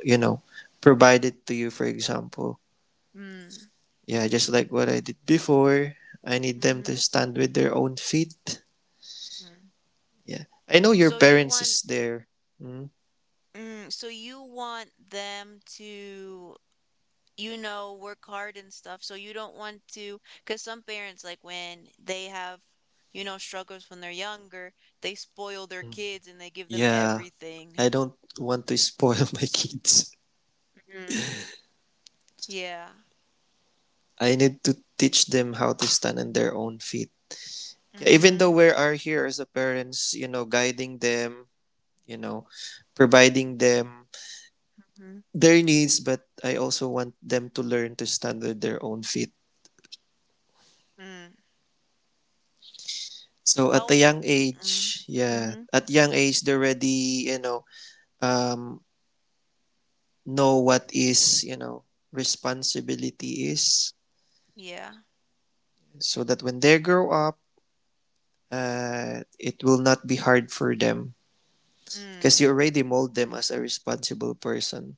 Speaker 2: you know, provide it to you. For example,
Speaker 1: Mm,
Speaker 2: yeah, just like what I did before. I need them
Speaker 1: mm-hmm.
Speaker 2: to stand with their own feet.
Speaker 1: Mm.
Speaker 2: Yeah, I know your
Speaker 1: So you
Speaker 2: parents
Speaker 1: want,
Speaker 2: is there. Mm.
Speaker 1: mm, so you want them to, you know, work hard and stuff. So you don't want to, because some parents, like when they have, you know, struggles when they're younger, they spoil their kids and they give them
Speaker 2: Yeah,
Speaker 1: everything.
Speaker 2: I don't want to spoil my kids.
Speaker 1: Mm. Yeah.
Speaker 2: I need to teach them how to stand on their own feet. Yeah, even though
Speaker 1: Mm-hmm.
Speaker 2: we are here as the parents, you know, guiding them, you know, providing them their needs, but I also want them to learn to stand on their own feet.
Speaker 1: Mm-hmm.
Speaker 2: So at a
Speaker 1: Oh,
Speaker 2: young
Speaker 1: mm,
Speaker 2: age, yeah,
Speaker 1: mhm.
Speaker 2: at young age they already, you um, know what is, you know, responsibility is,
Speaker 1: Yeah.
Speaker 2: so that when they grow up, it will not be hard for them because
Speaker 1: Mm,
Speaker 2: you already mold them as a responsible person.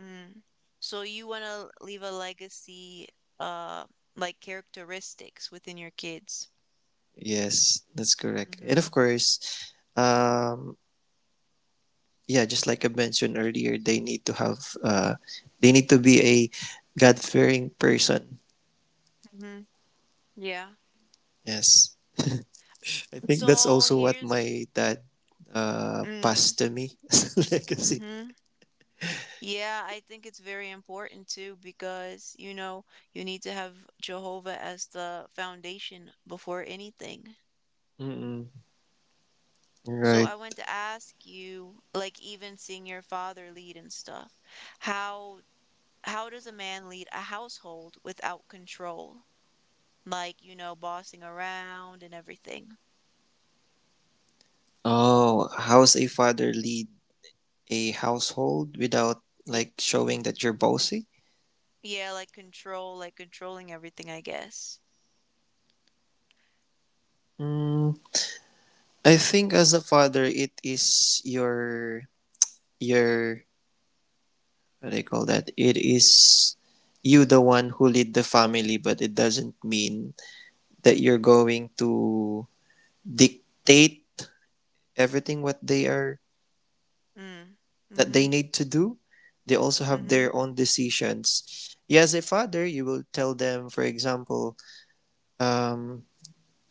Speaker 1: mm. So you want to leave a legacy, uh, like characteristics within your kids.
Speaker 2: Yes, that's
Speaker 1: Mm
Speaker 2: correct. And
Speaker 1: Mhm.
Speaker 2: of course, um, yeah, just like I mentioned earlier, they need to have, they need to be a God fearing person.
Speaker 1: mm Mhm. Yeah.
Speaker 2: Yes, I think that's
Speaker 1: So
Speaker 2: also what
Speaker 1: here's
Speaker 2: my dad
Speaker 1: mm,
Speaker 2: passed to me as a legacy.
Speaker 1: mhm. Yeah, I think it's very important too because, you know, you need to have Jehovah as the foundation before anything.
Speaker 2: Mm-mm.
Speaker 1: So
Speaker 2: Right.
Speaker 1: I want to ask you, like even seeing your father lead and stuff, how how does a man lead a household without control? Like, you know, bossing around and everything.
Speaker 2: Oh, how's a father lead a household without
Speaker 1: With
Speaker 2: like showing that you're bossy?
Speaker 1: Yeah, like control, like controlling everything, I guess.
Speaker 2: Mm, I think as a father, it is your what do you call that? It is you the one who lead the family, but it doesn't mean that you're going to dictate everything what they are,
Speaker 1: Mm.
Speaker 2: that
Speaker 1: Mm-hmm.
Speaker 2: they need to do. They also have
Speaker 1: Mm-hmm.
Speaker 2: their own decisions. You as a father, you will tell them, for example, um,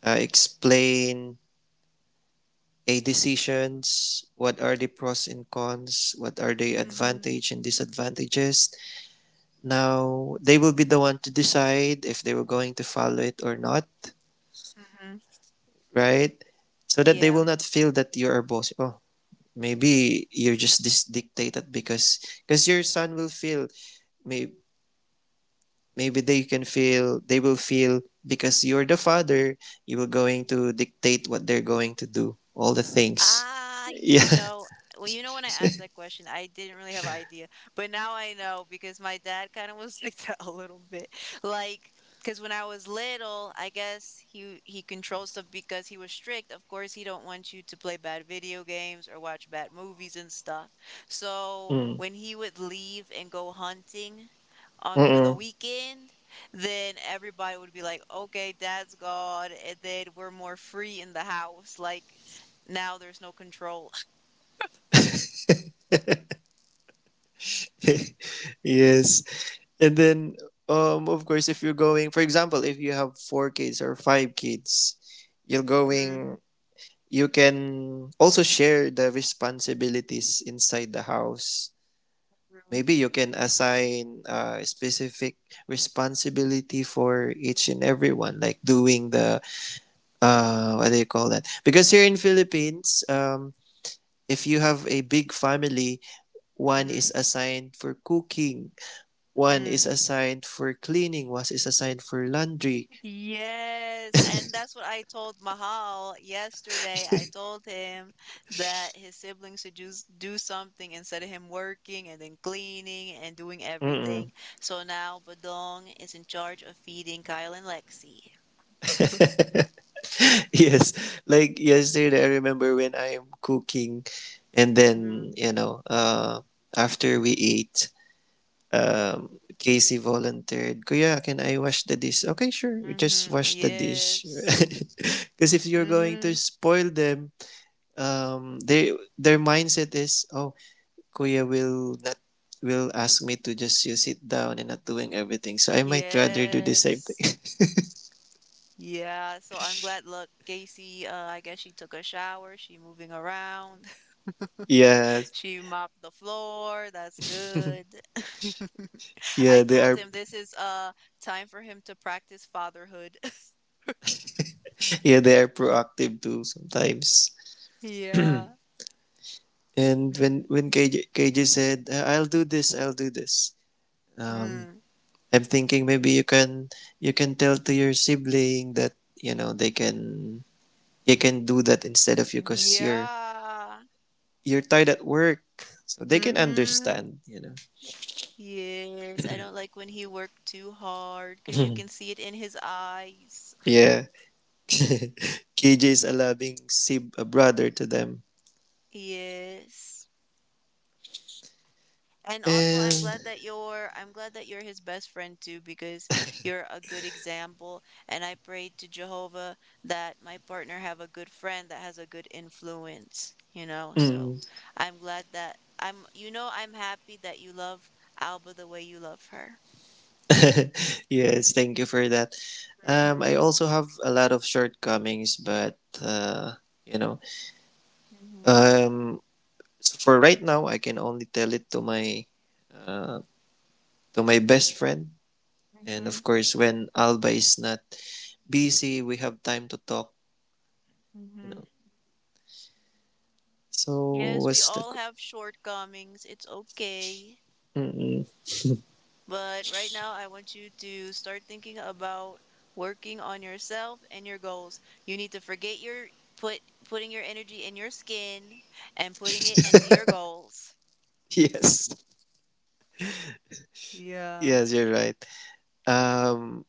Speaker 2: explain a decisions, what are the pros and cons, what are the
Speaker 1: Mm-hmm.
Speaker 2: advantage and disadvantages. Now, they will be the one to decide if they were going to follow it or not,
Speaker 1: Mm-hmm.
Speaker 2: right? So that they will
Speaker 1: Yeah.
Speaker 2: not feel that you're a boss. Oh, maybe you're just this dictated because your son will feel, may, maybe they can feel, they will feel because you're the father, you will going to dictate what they're going to do, all the things.
Speaker 1: Ah,
Speaker 2: Yeah.
Speaker 1: you know, well, you know, when I asked that question, I didn't really have an idea, but now I know because my dad kind of was like that a little bit. Like, because when I was little, I guess he controlled stuff because he was strict. Of course, he don't want you to play bad video games or watch bad movies and stuff. So
Speaker 2: Mm.
Speaker 1: when he would leave and go hunting on for the
Speaker 2: Mm-mm.
Speaker 1: weekend, then everybody would be like, okay, dad's gone, and then we're more free in the house. Like now there's no control.
Speaker 2: Yes. And then, of course, if you're going, for example, if you have four kids or five kids, you're
Speaker 1: Mhm,
Speaker 2: going, you can also share the responsibilities inside the house.
Speaker 1: mhm,
Speaker 2: Maybe you can assign a specific responsibility for each and everyone, like doing the, what do you call that? Because here in Philippines, if you have a big family, one is
Speaker 1: mhm,
Speaker 2: assigned for cooking, one is
Speaker 1: mm.
Speaker 2: assigned for cleaning, one is assigned for laundry.
Speaker 1: Yes, and that's what I told Mahal yesterday. I told him that his siblings should just do something instead of him working and then cleaning and doing
Speaker 2: Mm-mm.
Speaker 1: everything. So now Badong is in charge of feeding Kyle and Lexi.
Speaker 2: Yes, like yesterday, I remember when I'm cooking, and then
Speaker 1: Mm-hmm.
Speaker 2: you know, after we ate, Casey volunteered, Kuya, can I wash the dish? Okay, sure, just
Speaker 1: Mm-hmm.
Speaker 2: wash the dish.
Speaker 1: Yes.
Speaker 2: Because if you're going to
Speaker 1: Mm-hmm.
Speaker 2: spoil them, they their mindset is, oh, Kuya will not, will ask me to just you sit down and not doing everything. So I might rather do the same
Speaker 1: Yes.
Speaker 2: thing.
Speaker 1: Yeah, so I'm glad look, Gacy, I guess she took a shower, she moving around.
Speaker 2: Yeah,
Speaker 1: She mopped the floor. That's good. I
Speaker 2: yeah, they
Speaker 1: told
Speaker 2: are,
Speaker 1: him this is time for him to practice fatherhood.
Speaker 2: yeah, they are proactive too sometimes. And
Speaker 1: Yeah.
Speaker 2: when KJ, KJ said, I'll do this, um,
Speaker 1: Mm.
Speaker 2: I'm thinking maybe you can tell to your sibling that you know they can, you can do that instead of you because you're
Speaker 1: Yeah.
Speaker 2: you're tired at work, so they can
Speaker 1: Mm-hmm.
Speaker 2: understand. You know.
Speaker 1: Yes. I don't like when he worked too hard because you can see it in his eyes.
Speaker 2: Yeah. KJ's a allowing Sib a brother to them.
Speaker 1: Yes. And also,
Speaker 2: And
Speaker 1: I'm glad that you're his best friend too, because you're a good example. And I pray to Jehovah that my partner have a good friend that has a good influence, you know? So
Speaker 2: mm,
Speaker 1: I'm glad that I'm happy that you love Alba the way you love her.
Speaker 2: yes, thank you for that. I
Speaker 1: Mm-hmm.
Speaker 2: also have a lot of shortcomings, but you know,
Speaker 1: Mm-hmm.
Speaker 2: um, so for right now, I can only tell it to my, uh, to my best friend, and of
Speaker 1: Mm-hmm.
Speaker 2: course, when Alba is not busy, we have time to talk. You
Speaker 1: Mm-hmm.
Speaker 2: know, so
Speaker 1: Yes, we
Speaker 2: what's the,
Speaker 1: all have shortcomings. It's okay.
Speaker 2: mm, mm.
Speaker 1: But right now, I want you to start thinking about working on yourself and your goals. You need to forget your put putting your energy in your skin and putting it into your goals.
Speaker 2: Yes,
Speaker 1: Yeah.
Speaker 2: yes, you're right. Um,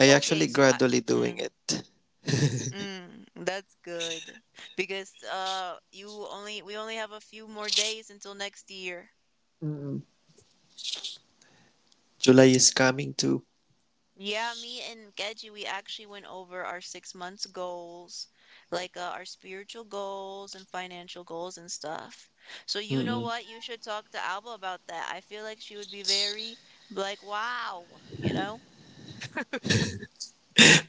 Speaker 2: I
Speaker 1: Okay,
Speaker 2: actually
Speaker 1: so
Speaker 2: gradually doing
Speaker 1: mm,
Speaker 2: it.
Speaker 1: that's good because you only we only have a few more days until next year.
Speaker 2: Mm-mm. July is coming too.
Speaker 1: Yeah, me and Geji, we actually went over our 6 months goals, like our spiritual goals and financial goals and stuff. So you know
Speaker 2: Mm-mm.
Speaker 1: what? You should talk to Alba about that. I feel like she would be very like, wow, you know?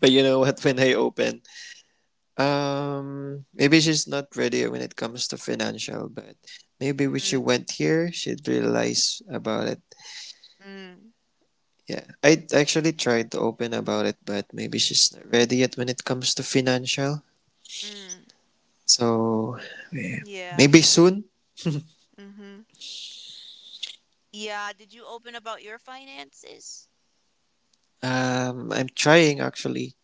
Speaker 2: But you know what? When I open, maybe she's not ready when it comes to financial, but maybe when she
Speaker 1: Mm,
Speaker 2: went here, she'd realize about it.
Speaker 1: mm,
Speaker 2: Yeah, I actually tried to open about it, but maybe she's not
Speaker 1: mhm,
Speaker 2: ready yet when it comes to financial.
Speaker 1: mm.
Speaker 2: So
Speaker 1: Yeah.
Speaker 2: maybe soon.
Speaker 1: Mm-hmm. Yeah. Did you open about your finances?
Speaker 2: I'm trying actually.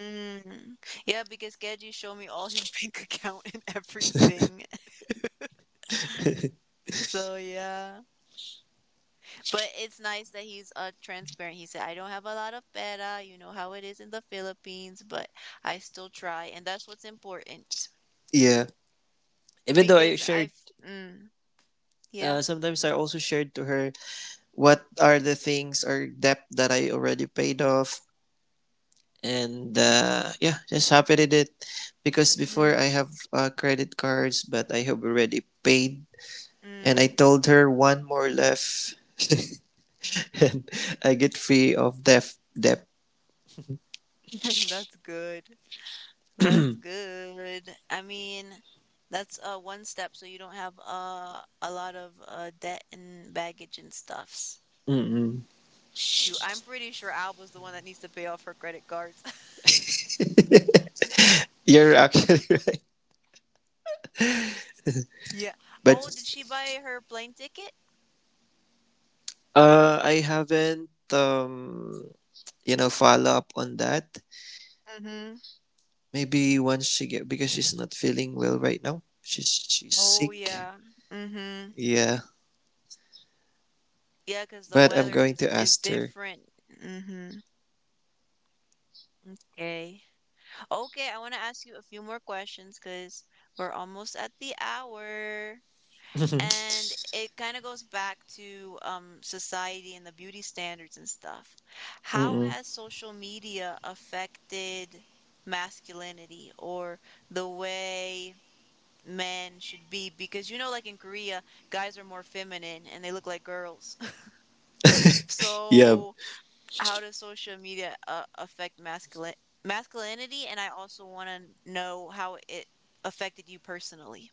Speaker 1: Mm. Yeah, because Geji showed me all his bank account and everything. So yeah. But it's nice that he's transparent. He said, I don't have a lot of pera, you know how it is in the Philippines, but I still try, and that's what's important.
Speaker 2: Yeah, even though I
Speaker 1: Because
Speaker 2: shared,
Speaker 1: I've mm, yeah.
Speaker 2: sometimes I also shared to her what are the things or debt that I already paid off. And yeah, just happy with it because
Speaker 1: hmm
Speaker 2: before I have credit cards, but I have already paid. And I
Speaker 1: Mm.
Speaker 2: told her one more left, and I get free of debt. Debt.
Speaker 1: That's good. That's good. I mean, that's one step so you don't have a lot of debt and baggage and stuffs.
Speaker 2: Mm-mm.
Speaker 1: Shoot, I'm pretty sure Al was the one that needs to pay off her credit cards.
Speaker 2: You're actually right,
Speaker 1: Yeah.
Speaker 2: but
Speaker 1: Oh, did she buy her plane ticket?
Speaker 2: I haven't you know follow up on that.
Speaker 1: Mm-hmm.
Speaker 2: Maybe once she get because she's not feeling well right now. She's
Speaker 1: Oh
Speaker 2: sick.
Speaker 1: yeah. Mm-hmm.
Speaker 2: Yeah,
Speaker 1: Yeah, because
Speaker 2: but I'm going to
Speaker 1: is
Speaker 2: ask her.
Speaker 1: different. Mm-hmm. Okay. Okay, I want to ask you a few more questions because we're almost at the hour. And it kind of goes back to society and the beauty standards and stuff. How
Speaker 2: Mm-mm.
Speaker 1: has social media affected masculinity or the way men should be? Because you know, like in Korea, guys are more feminine and they look like girls.
Speaker 2: Yeah.
Speaker 1: So how does social media affect masculine masculinity, and I also want to know how it affected you personally.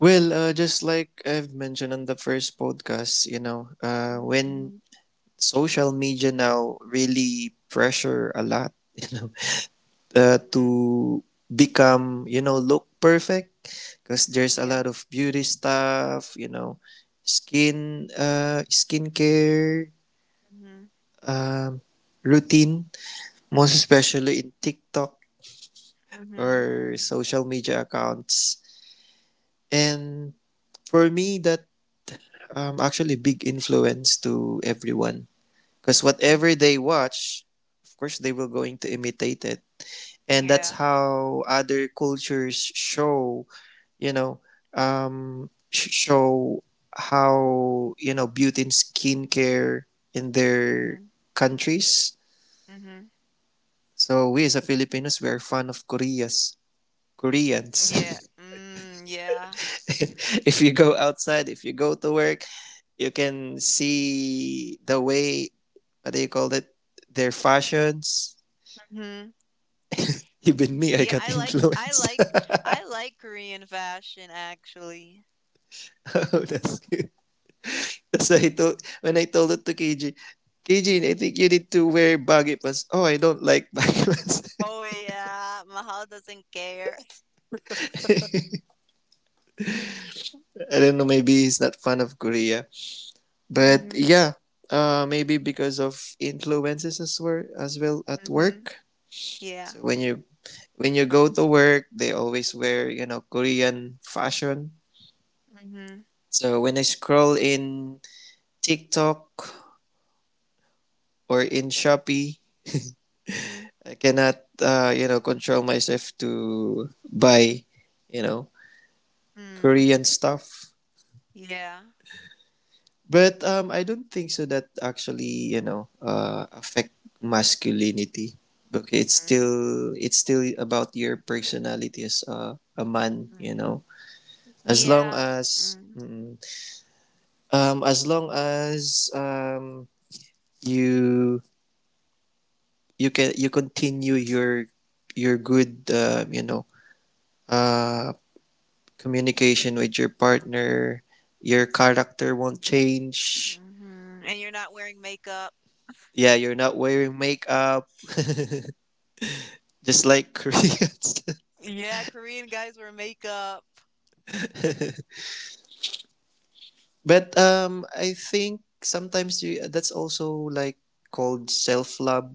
Speaker 2: Well, just like I've mentioned on the first podcast, you know, when
Speaker 1: Mm-hmm.
Speaker 2: social media now really pressure a lot, you know,
Speaker 1: Hmm.
Speaker 2: to become, you know, look perfect because there's a
Speaker 1: Yeah.
Speaker 2: lot of beauty stuff, you know, skin, skincare,
Speaker 1: Mm-hmm.
Speaker 2: um, routine, most especially in TikTok
Speaker 1: Mm-hmm.
Speaker 2: or social media accounts. And for me, that actually big influence to everyone because
Speaker 1: Hmm.
Speaker 2: whatever they watch, of course, they will going to imitate it, and
Speaker 1: Yeah.
Speaker 2: that's how other cultures show. You know, show how you know beauty and skincare in their
Speaker 1: Mm-hmm.
Speaker 2: countries.
Speaker 1: Hmm.
Speaker 2: So we as a Filipinos, we are fan of Koreas,
Speaker 1: Yeah.
Speaker 2: Koreans.
Speaker 1: Mm, yeah.
Speaker 2: If you go outside, if you go to work, you can see the way, what do you call it? Their fashions.
Speaker 1: Mm-hmm.
Speaker 2: Even me, I
Speaker 1: yeah
Speaker 2: got
Speaker 1: i like i
Speaker 2: influenced.
Speaker 1: like I like Korean fashion actually.
Speaker 2: Oh, that's good. So I told when I told it to KJ, KJ, I think you need to wear baggy pants. Oh, I don't like baggy pants.
Speaker 1: Oh yeah. Mahal doesn't care.
Speaker 2: I don't know. Maybe he's not fan of Korea, but
Speaker 1: Mm-hmm.
Speaker 2: yeah, maybe because of influences as well, as well at
Speaker 1: Mm-hmm.
Speaker 2: work.
Speaker 1: Yeah.
Speaker 2: So when you, when you go to work, they always wear you know Korean fashion.
Speaker 1: Mm-hmm.
Speaker 2: So when I scroll in TikTok or in Shopee,
Speaker 1: Mm-hmm.
Speaker 2: I cannot, you know, control myself to buy, you know,
Speaker 1: Mm.
Speaker 2: Korean stuff.
Speaker 1: Yeah.
Speaker 2: But I don't think so that actually, you know, affect masculinity. Okay, it's still about your personality as a man, you
Speaker 1: Mm-hmm.
Speaker 2: know. As long
Speaker 1: Yeah.
Speaker 2: as,
Speaker 1: Mm,
Speaker 2: mm, as long as, you, you can, you continue your good you know uh, communication with your partner, your character won't change.
Speaker 1: mhm. And you're not wearing makeup.
Speaker 2: Yeah, you're not wearing makeup, just like Koreans.
Speaker 1: Yeah, Korean guys wear makeup.
Speaker 2: But I think sometimes you, that's also like called self love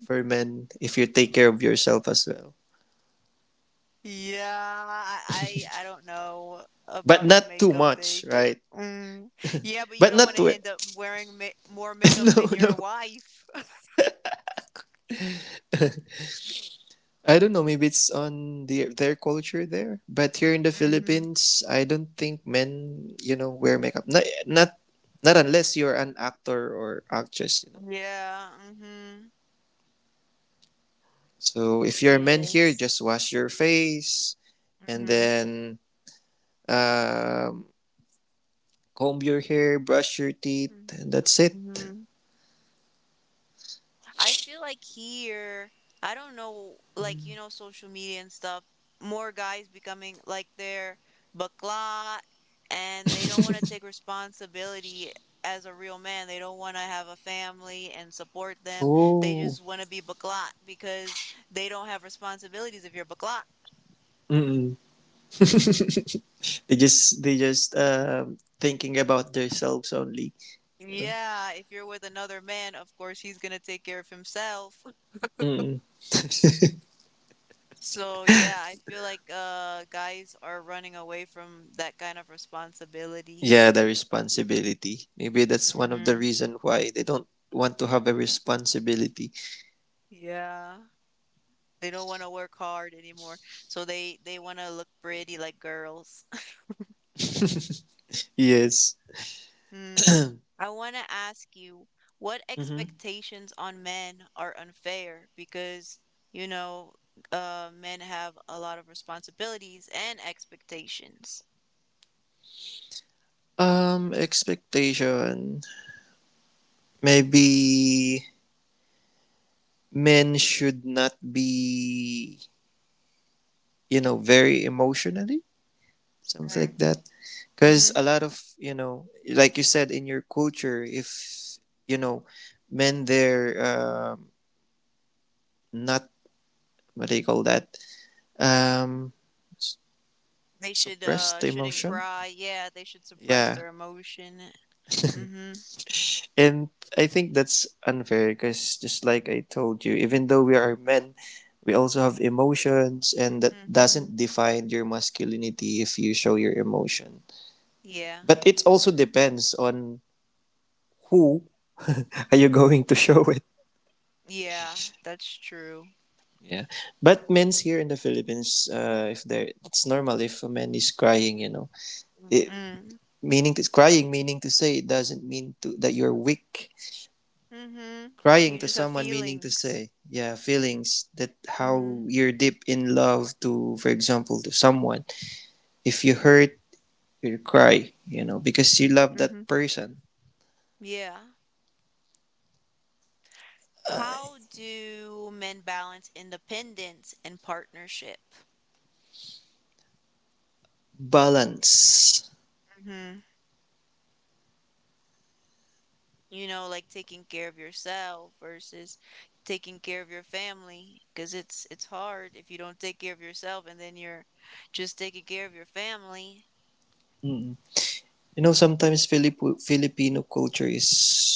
Speaker 2: for men if you take care of yourself as well,
Speaker 1: Yeah, I don't know
Speaker 2: but
Speaker 1: about the
Speaker 2: not too
Speaker 1: makeup
Speaker 2: much,
Speaker 1: thing.
Speaker 2: right?
Speaker 1: Mm. Yeah, but you
Speaker 2: But
Speaker 1: don't
Speaker 2: not
Speaker 1: want to
Speaker 2: to,
Speaker 1: end up wearing ma more makeup
Speaker 2: no,
Speaker 1: than
Speaker 2: no.
Speaker 1: your wife.
Speaker 2: I don't know. Maybe it's on the their culture there, but here in the
Speaker 1: Mm-hmm.
Speaker 2: Philippines, I don't think men, you know, wear makeup. Not not, not unless you're an actor or actress, you know.
Speaker 1: Yeah. Mm-hmm.
Speaker 2: So if you're a man here,
Speaker 1: Yes.
Speaker 2: just wash your face and
Speaker 1: Mm-hmm.
Speaker 2: then, um, comb your hair, brush your teeth,
Speaker 1: Mm-hmm.
Speaker 2: and that's it.
Speaker 1: Mm-hmm. I feel like here, I don't know, like, you know, social media and stuff, more guys becoming like they're bacla and they don't want to take responsibility as a real man. They don't want to have a family and support them. They
Speaker 2: Oh,
Speaker 1: just want to be bacla because they don't have responsibilities if you're bacla.
Speaker 2: mm-mm. They just, they just thinking about themselves only, you know.
Speaker 1: Yeah, if you're with another man, of course he's gonna take care of himself.
Speaker 2: Mm-mm.
Speaker 1: So yeah, I feel like guys are running away from that kind of responsibility.
Speaker 2: Yeah, the responsibility. Maybe that's one of the
Speaker 1: Mhm.
Speaker 2: reason why they don't want to have a responsibility.
Speaker 1: Yeah. They don't want to work hard anymore. So they want to look pretty like girls.
Speaker 2: Yes.
Speaker 1: Mm. I want to ask you, what
Speaker 2: Mm-hmm.
Speaker 1: expectations on men are unfair? Because, you know, men have a lot of responsibilities and expectations.
Speaker 2: Expectation. Maybe men should not be, you know, very emotionally, something
Speaker 1: Mm.
Speaker 2: like that. Because
Speaker 1: Hmm.
Speaker 2: a lot of, you know, like you said in your culture, if you know, men they're not, what do you call that? Um, s-
Speaker 1: They should
Speaker 2: suppress the
Speaker 1: shouldn't
Speaker 2: emotion.
Speaker 1: cry. Yeah, they should suppress
Speaker 2: Yeah.
Speaker 1: their emotion. Mm-hmm.
Speaker 2: And I think that's unfair because just like I told you, even though we are men, we also have emotions, and that
Speaker 1: Mm-hmm.
Speaker 2: doesn't define your masculinity if you show your emotion.
Speaker 1: Yeah.
Speaker 2: But it also
Speaker 1: Mm-hmm.
Speaker 2: depends on who are you going to show it.
Speaker 1: Yeah, that's true.
Speaker 2: Yeah. But men's here in the Philippines, if they're, it's normal if a man is crying, you know.
Speaker 1: Mm,
Speaker 2: It,
Speaker 1: mm,
Speaker 2: meaning to, crying, meaning to say it doesn't mean to, that you're weak.
Speaker 1: mhm. You
Speaker 2: Crying to
Speaker 1: just have
Speaker 2: someone, meaning to
Speaker 1: feelings.
Speaker 2: say, yeah, feelings that how
Speaker 1: Mhm.
Speaker 2: you're deep in love to, for example, to someone. If you hurt, you cry, you know, because you
Speaker 1: Mm,
Speaker 2: love that
Speaker 1: mhm.
Speaker 2: person.
Speaker 1: Yeah. How do men balance independence and partnership?
Speaker 2: Balance.
Speaker 1: Mhm. You know, like taking care of yourself versus taking care of your family, because it's hard if you don't take care of yourself and then you're just taking care of your family.
Speaker 2: Mm. You know, sometimes Filipino culture is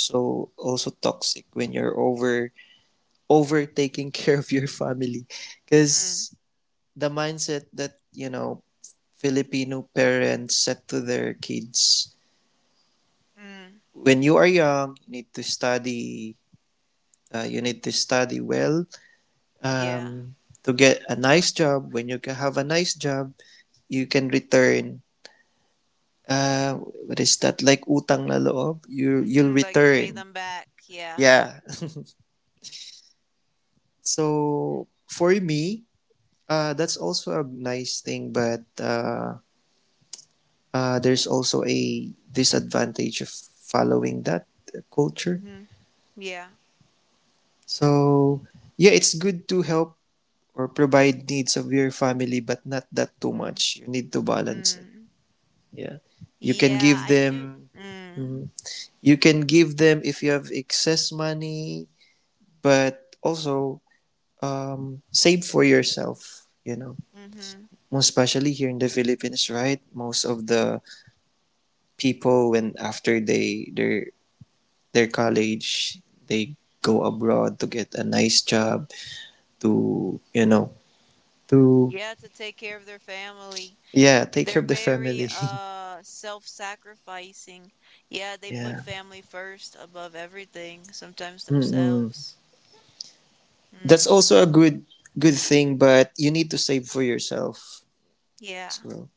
Speaker 2: so also toxic when you're over taking care of your family,
Speaker 1: Mm,
Speaker 2: because the mindset that, you know, Filipino parents set to their kids:
Speaker 1: mm,
Speaker 2: when you are young, you need to study. You need to study well,
Speaker 1: yeah.
Speaker 2: um, to get a nice job. When you ca- have a nice job, you can return. Uh, what is that? Like utang na loob? You'll
Speaker 1: Mm, like pay
Speaker 2: return.
Speaker 1: them back. Yeah.
Speaker 2: Yeah. So for me, that's also a nice thing, but there's also a disadvantage of following that culture.
Speaker 1: Mhm. Yeah.
Speaker 2: So yeah, it's good to help or provide needs of your family, but not that too
Speaker 1: Mm,
Speaker 2: much. You need to balance it.
Speaker 1: mm.
Speaker 2: Yeah, you can
Speaker 1: Yeah,
Speaker 2: give
Speaker 1: I do.
Speaker 2: them,
Speaker 1: Mm,
Speaker 2: mhm, you can give them if you have excess money, but also, save for yourself, you know,
Speaker 1: mm-hmm.
Speaker 2: most especially here in the Philippines, right? Most of the people when after they their college, they go abroad to get a nice job, to, you know, to,
Speaker 1: Yeah, to take care of their family.
Speaker 2: yeah, take care
Speaker 1: They're
Speaker 2: of the
Speaker 1: very
Speaker 2: family.
Speaker 1: self-sacrificing. Yeah, they put
Speaker 2: Yeah.
Speaker 1: family first above everything, sometimes
Speaker 2: Mm-mm.
Speaker 1: themselves.
Speaker 2: That's
Speaker 1: Mm,
Speaker 2: also a good thing, but you need to save for yourself
Speaker 1: yeah.
Speaker 2: as well.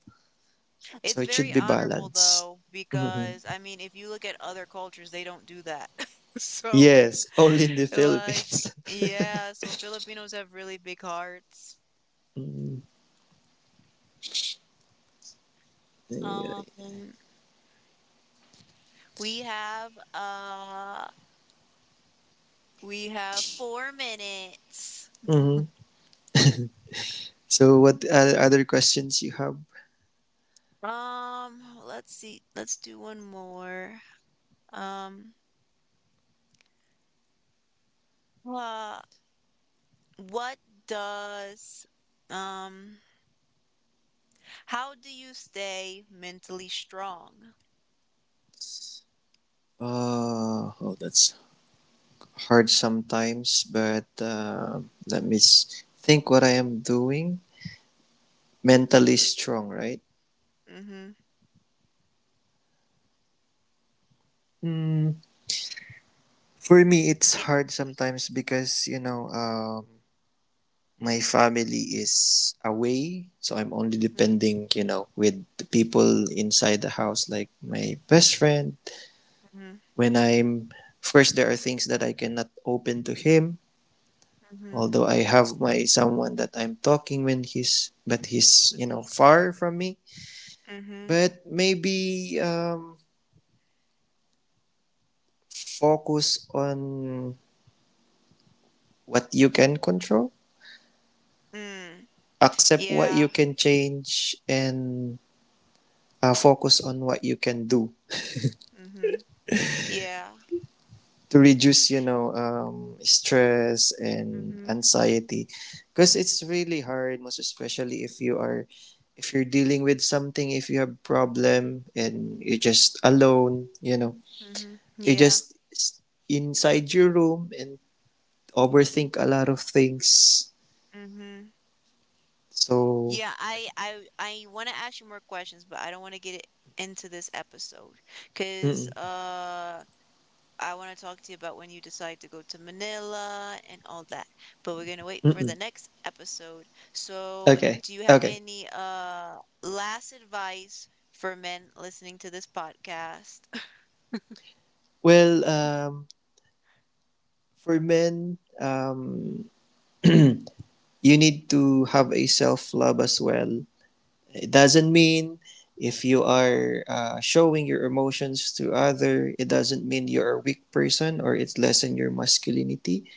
Speaker 2: So
Speaker 1: It's
Speaker 2: it should
Speaker 1: very
Speaker 2: be
Speaker 1: honorable
Speaker 2: balanced.
Speaker 1: though,
Speaker 2: Hmm.
Speaker 1: because I mean, if you look at other cultures, they don't do that. So,
Speaker 2: Yes, only in the
Speaker 1: like,
Speaker 2: Philippines.
Speaker 1: yeah, so Filipinos have really big hearts.
Speaker 2: Hmm.
Speaker 1: Um, we have uh We have 4 minutes.
Speaker 2: So what, other questions you have?
Speaker 1: Let's see. Let's do one more. Um, uh, what does, um, how do you stay mentally strong?
Speaker 2: Oh, that's hard sometimes, but let me think what I am doing. Mentally strong, right?
Speaker 1: Mm-hmm.
Speaker 2: Mm. For me, it's
Speaker 1: Yeah.
Speaker 2: hard sometimes because, you know, my family is away, so I'm only
Speaker 1: Mm-hmm.
Speaker 2: depending, you know, with the people inside the house, like my best friend. When I'm, of course, there are things that I cannot open to him,
Speaker 1: Mm-hmm.
Speaker 2: although I have my someone that I'm talking when he's, but he's, you know, far from me.
Speaker 1: Mm-hmm. Mm-hmm.
Speaker 2: But maybe focus on what you can control,
Speaker 1: Mm.
Speaker 2: accept what you
Speaker 1: Yeah.
Speaker 2: can change, and focus on what you can do
Speaker 1: Mm-hmm. Yeah.
Speaker 2: to reduce, you know, stress and
Speaker 1: Mm-hmm.
Speaker 2: anxiety, because it's really hard, most especially if you are, if you're dealing with something, if you have problem and you're just alone, you know,
Speaker 1: Mm-hmm.
Speaker 2: you
Speaker 1: Yeah.
Speaker 2: just s- inside your room and overthink a lot of things,
Speaker 1: Mm-hmm.
Speaker 2: so.
Speaker 1: Yeah, I want to ask you more questions, but I don't want to get it into this episode because
Speaker 2: Mm,
Speaker 1: I want to talk to you about when you decide to go to Manila and all that. But we're gonna wait
Speaker 2: mm,
Speaker 1: for the
Speaker 2: mm.
Speaker 1: next episode. So,
Speaker 2: Okay.
Speaker 1: do you have
Speaker 2: Okay,
Speaker 1: any last advice for men listening to this podcast?
Speaker 2: well, for men, you need to have a self love as well. It doesn't mean if you are, showing your emotions to other, it doesn't mean you're a weak person or it's lessen your masculinity.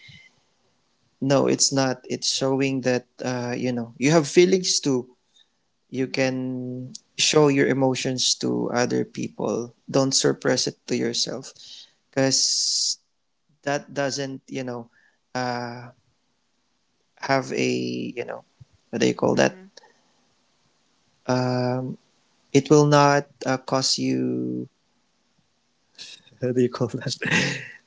Speaker 2: No, it's not. It's showing that, you know, you have feelings too. You
Speaker 1: Mhm,
Speaker 2: can show your emotions to other people. Don't suppress it to yourself, because that doesn't, you know, uh, have a, you know, what do you call that?
Speaker 1: mhm.
Speaker 2: Um, it will not, cause you,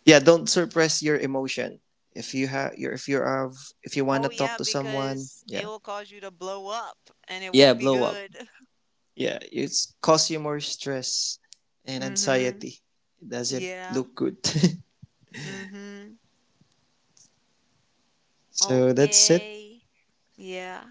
Speaker 2: yeah, don't suppress your emotion if you have, if you have, if you want
Speaker 1: Oh,
Speaker 2: to
Speaker 1: yeah,
Speaker 2: talk to someone,
Speaker 1: because it
Speaker 2: yeah.
Speaker 1: will cause you to blow up and it
Speaker 2: Yeah,
Speaker 1: won't be
Speaker 2: blow up.
Speaker 1: good.
Speaker 2: Yeah, it's cause you more stress and
Speaker 1: Mhm.
Speaker 2: anxiety. It doesn't
Speaker 1: Yeah.
Speaker 2: look good.
Speaker 1: Mhm.
Speaker 2: So that's it.
Speaker 1: Okay. Yeah.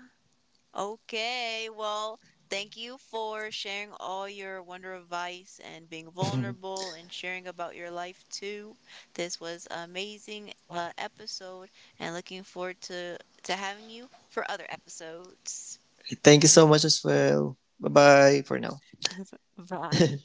Speaker 1: Okay, well, thank you for sharing all your wonder advice and being vulnerable and sharing about your life too. This was an amazing episode and looking forward to having you for other episodes.
Speaker 2: Thank you so much as well. Bye bye for now.
Speaker 1: Bye.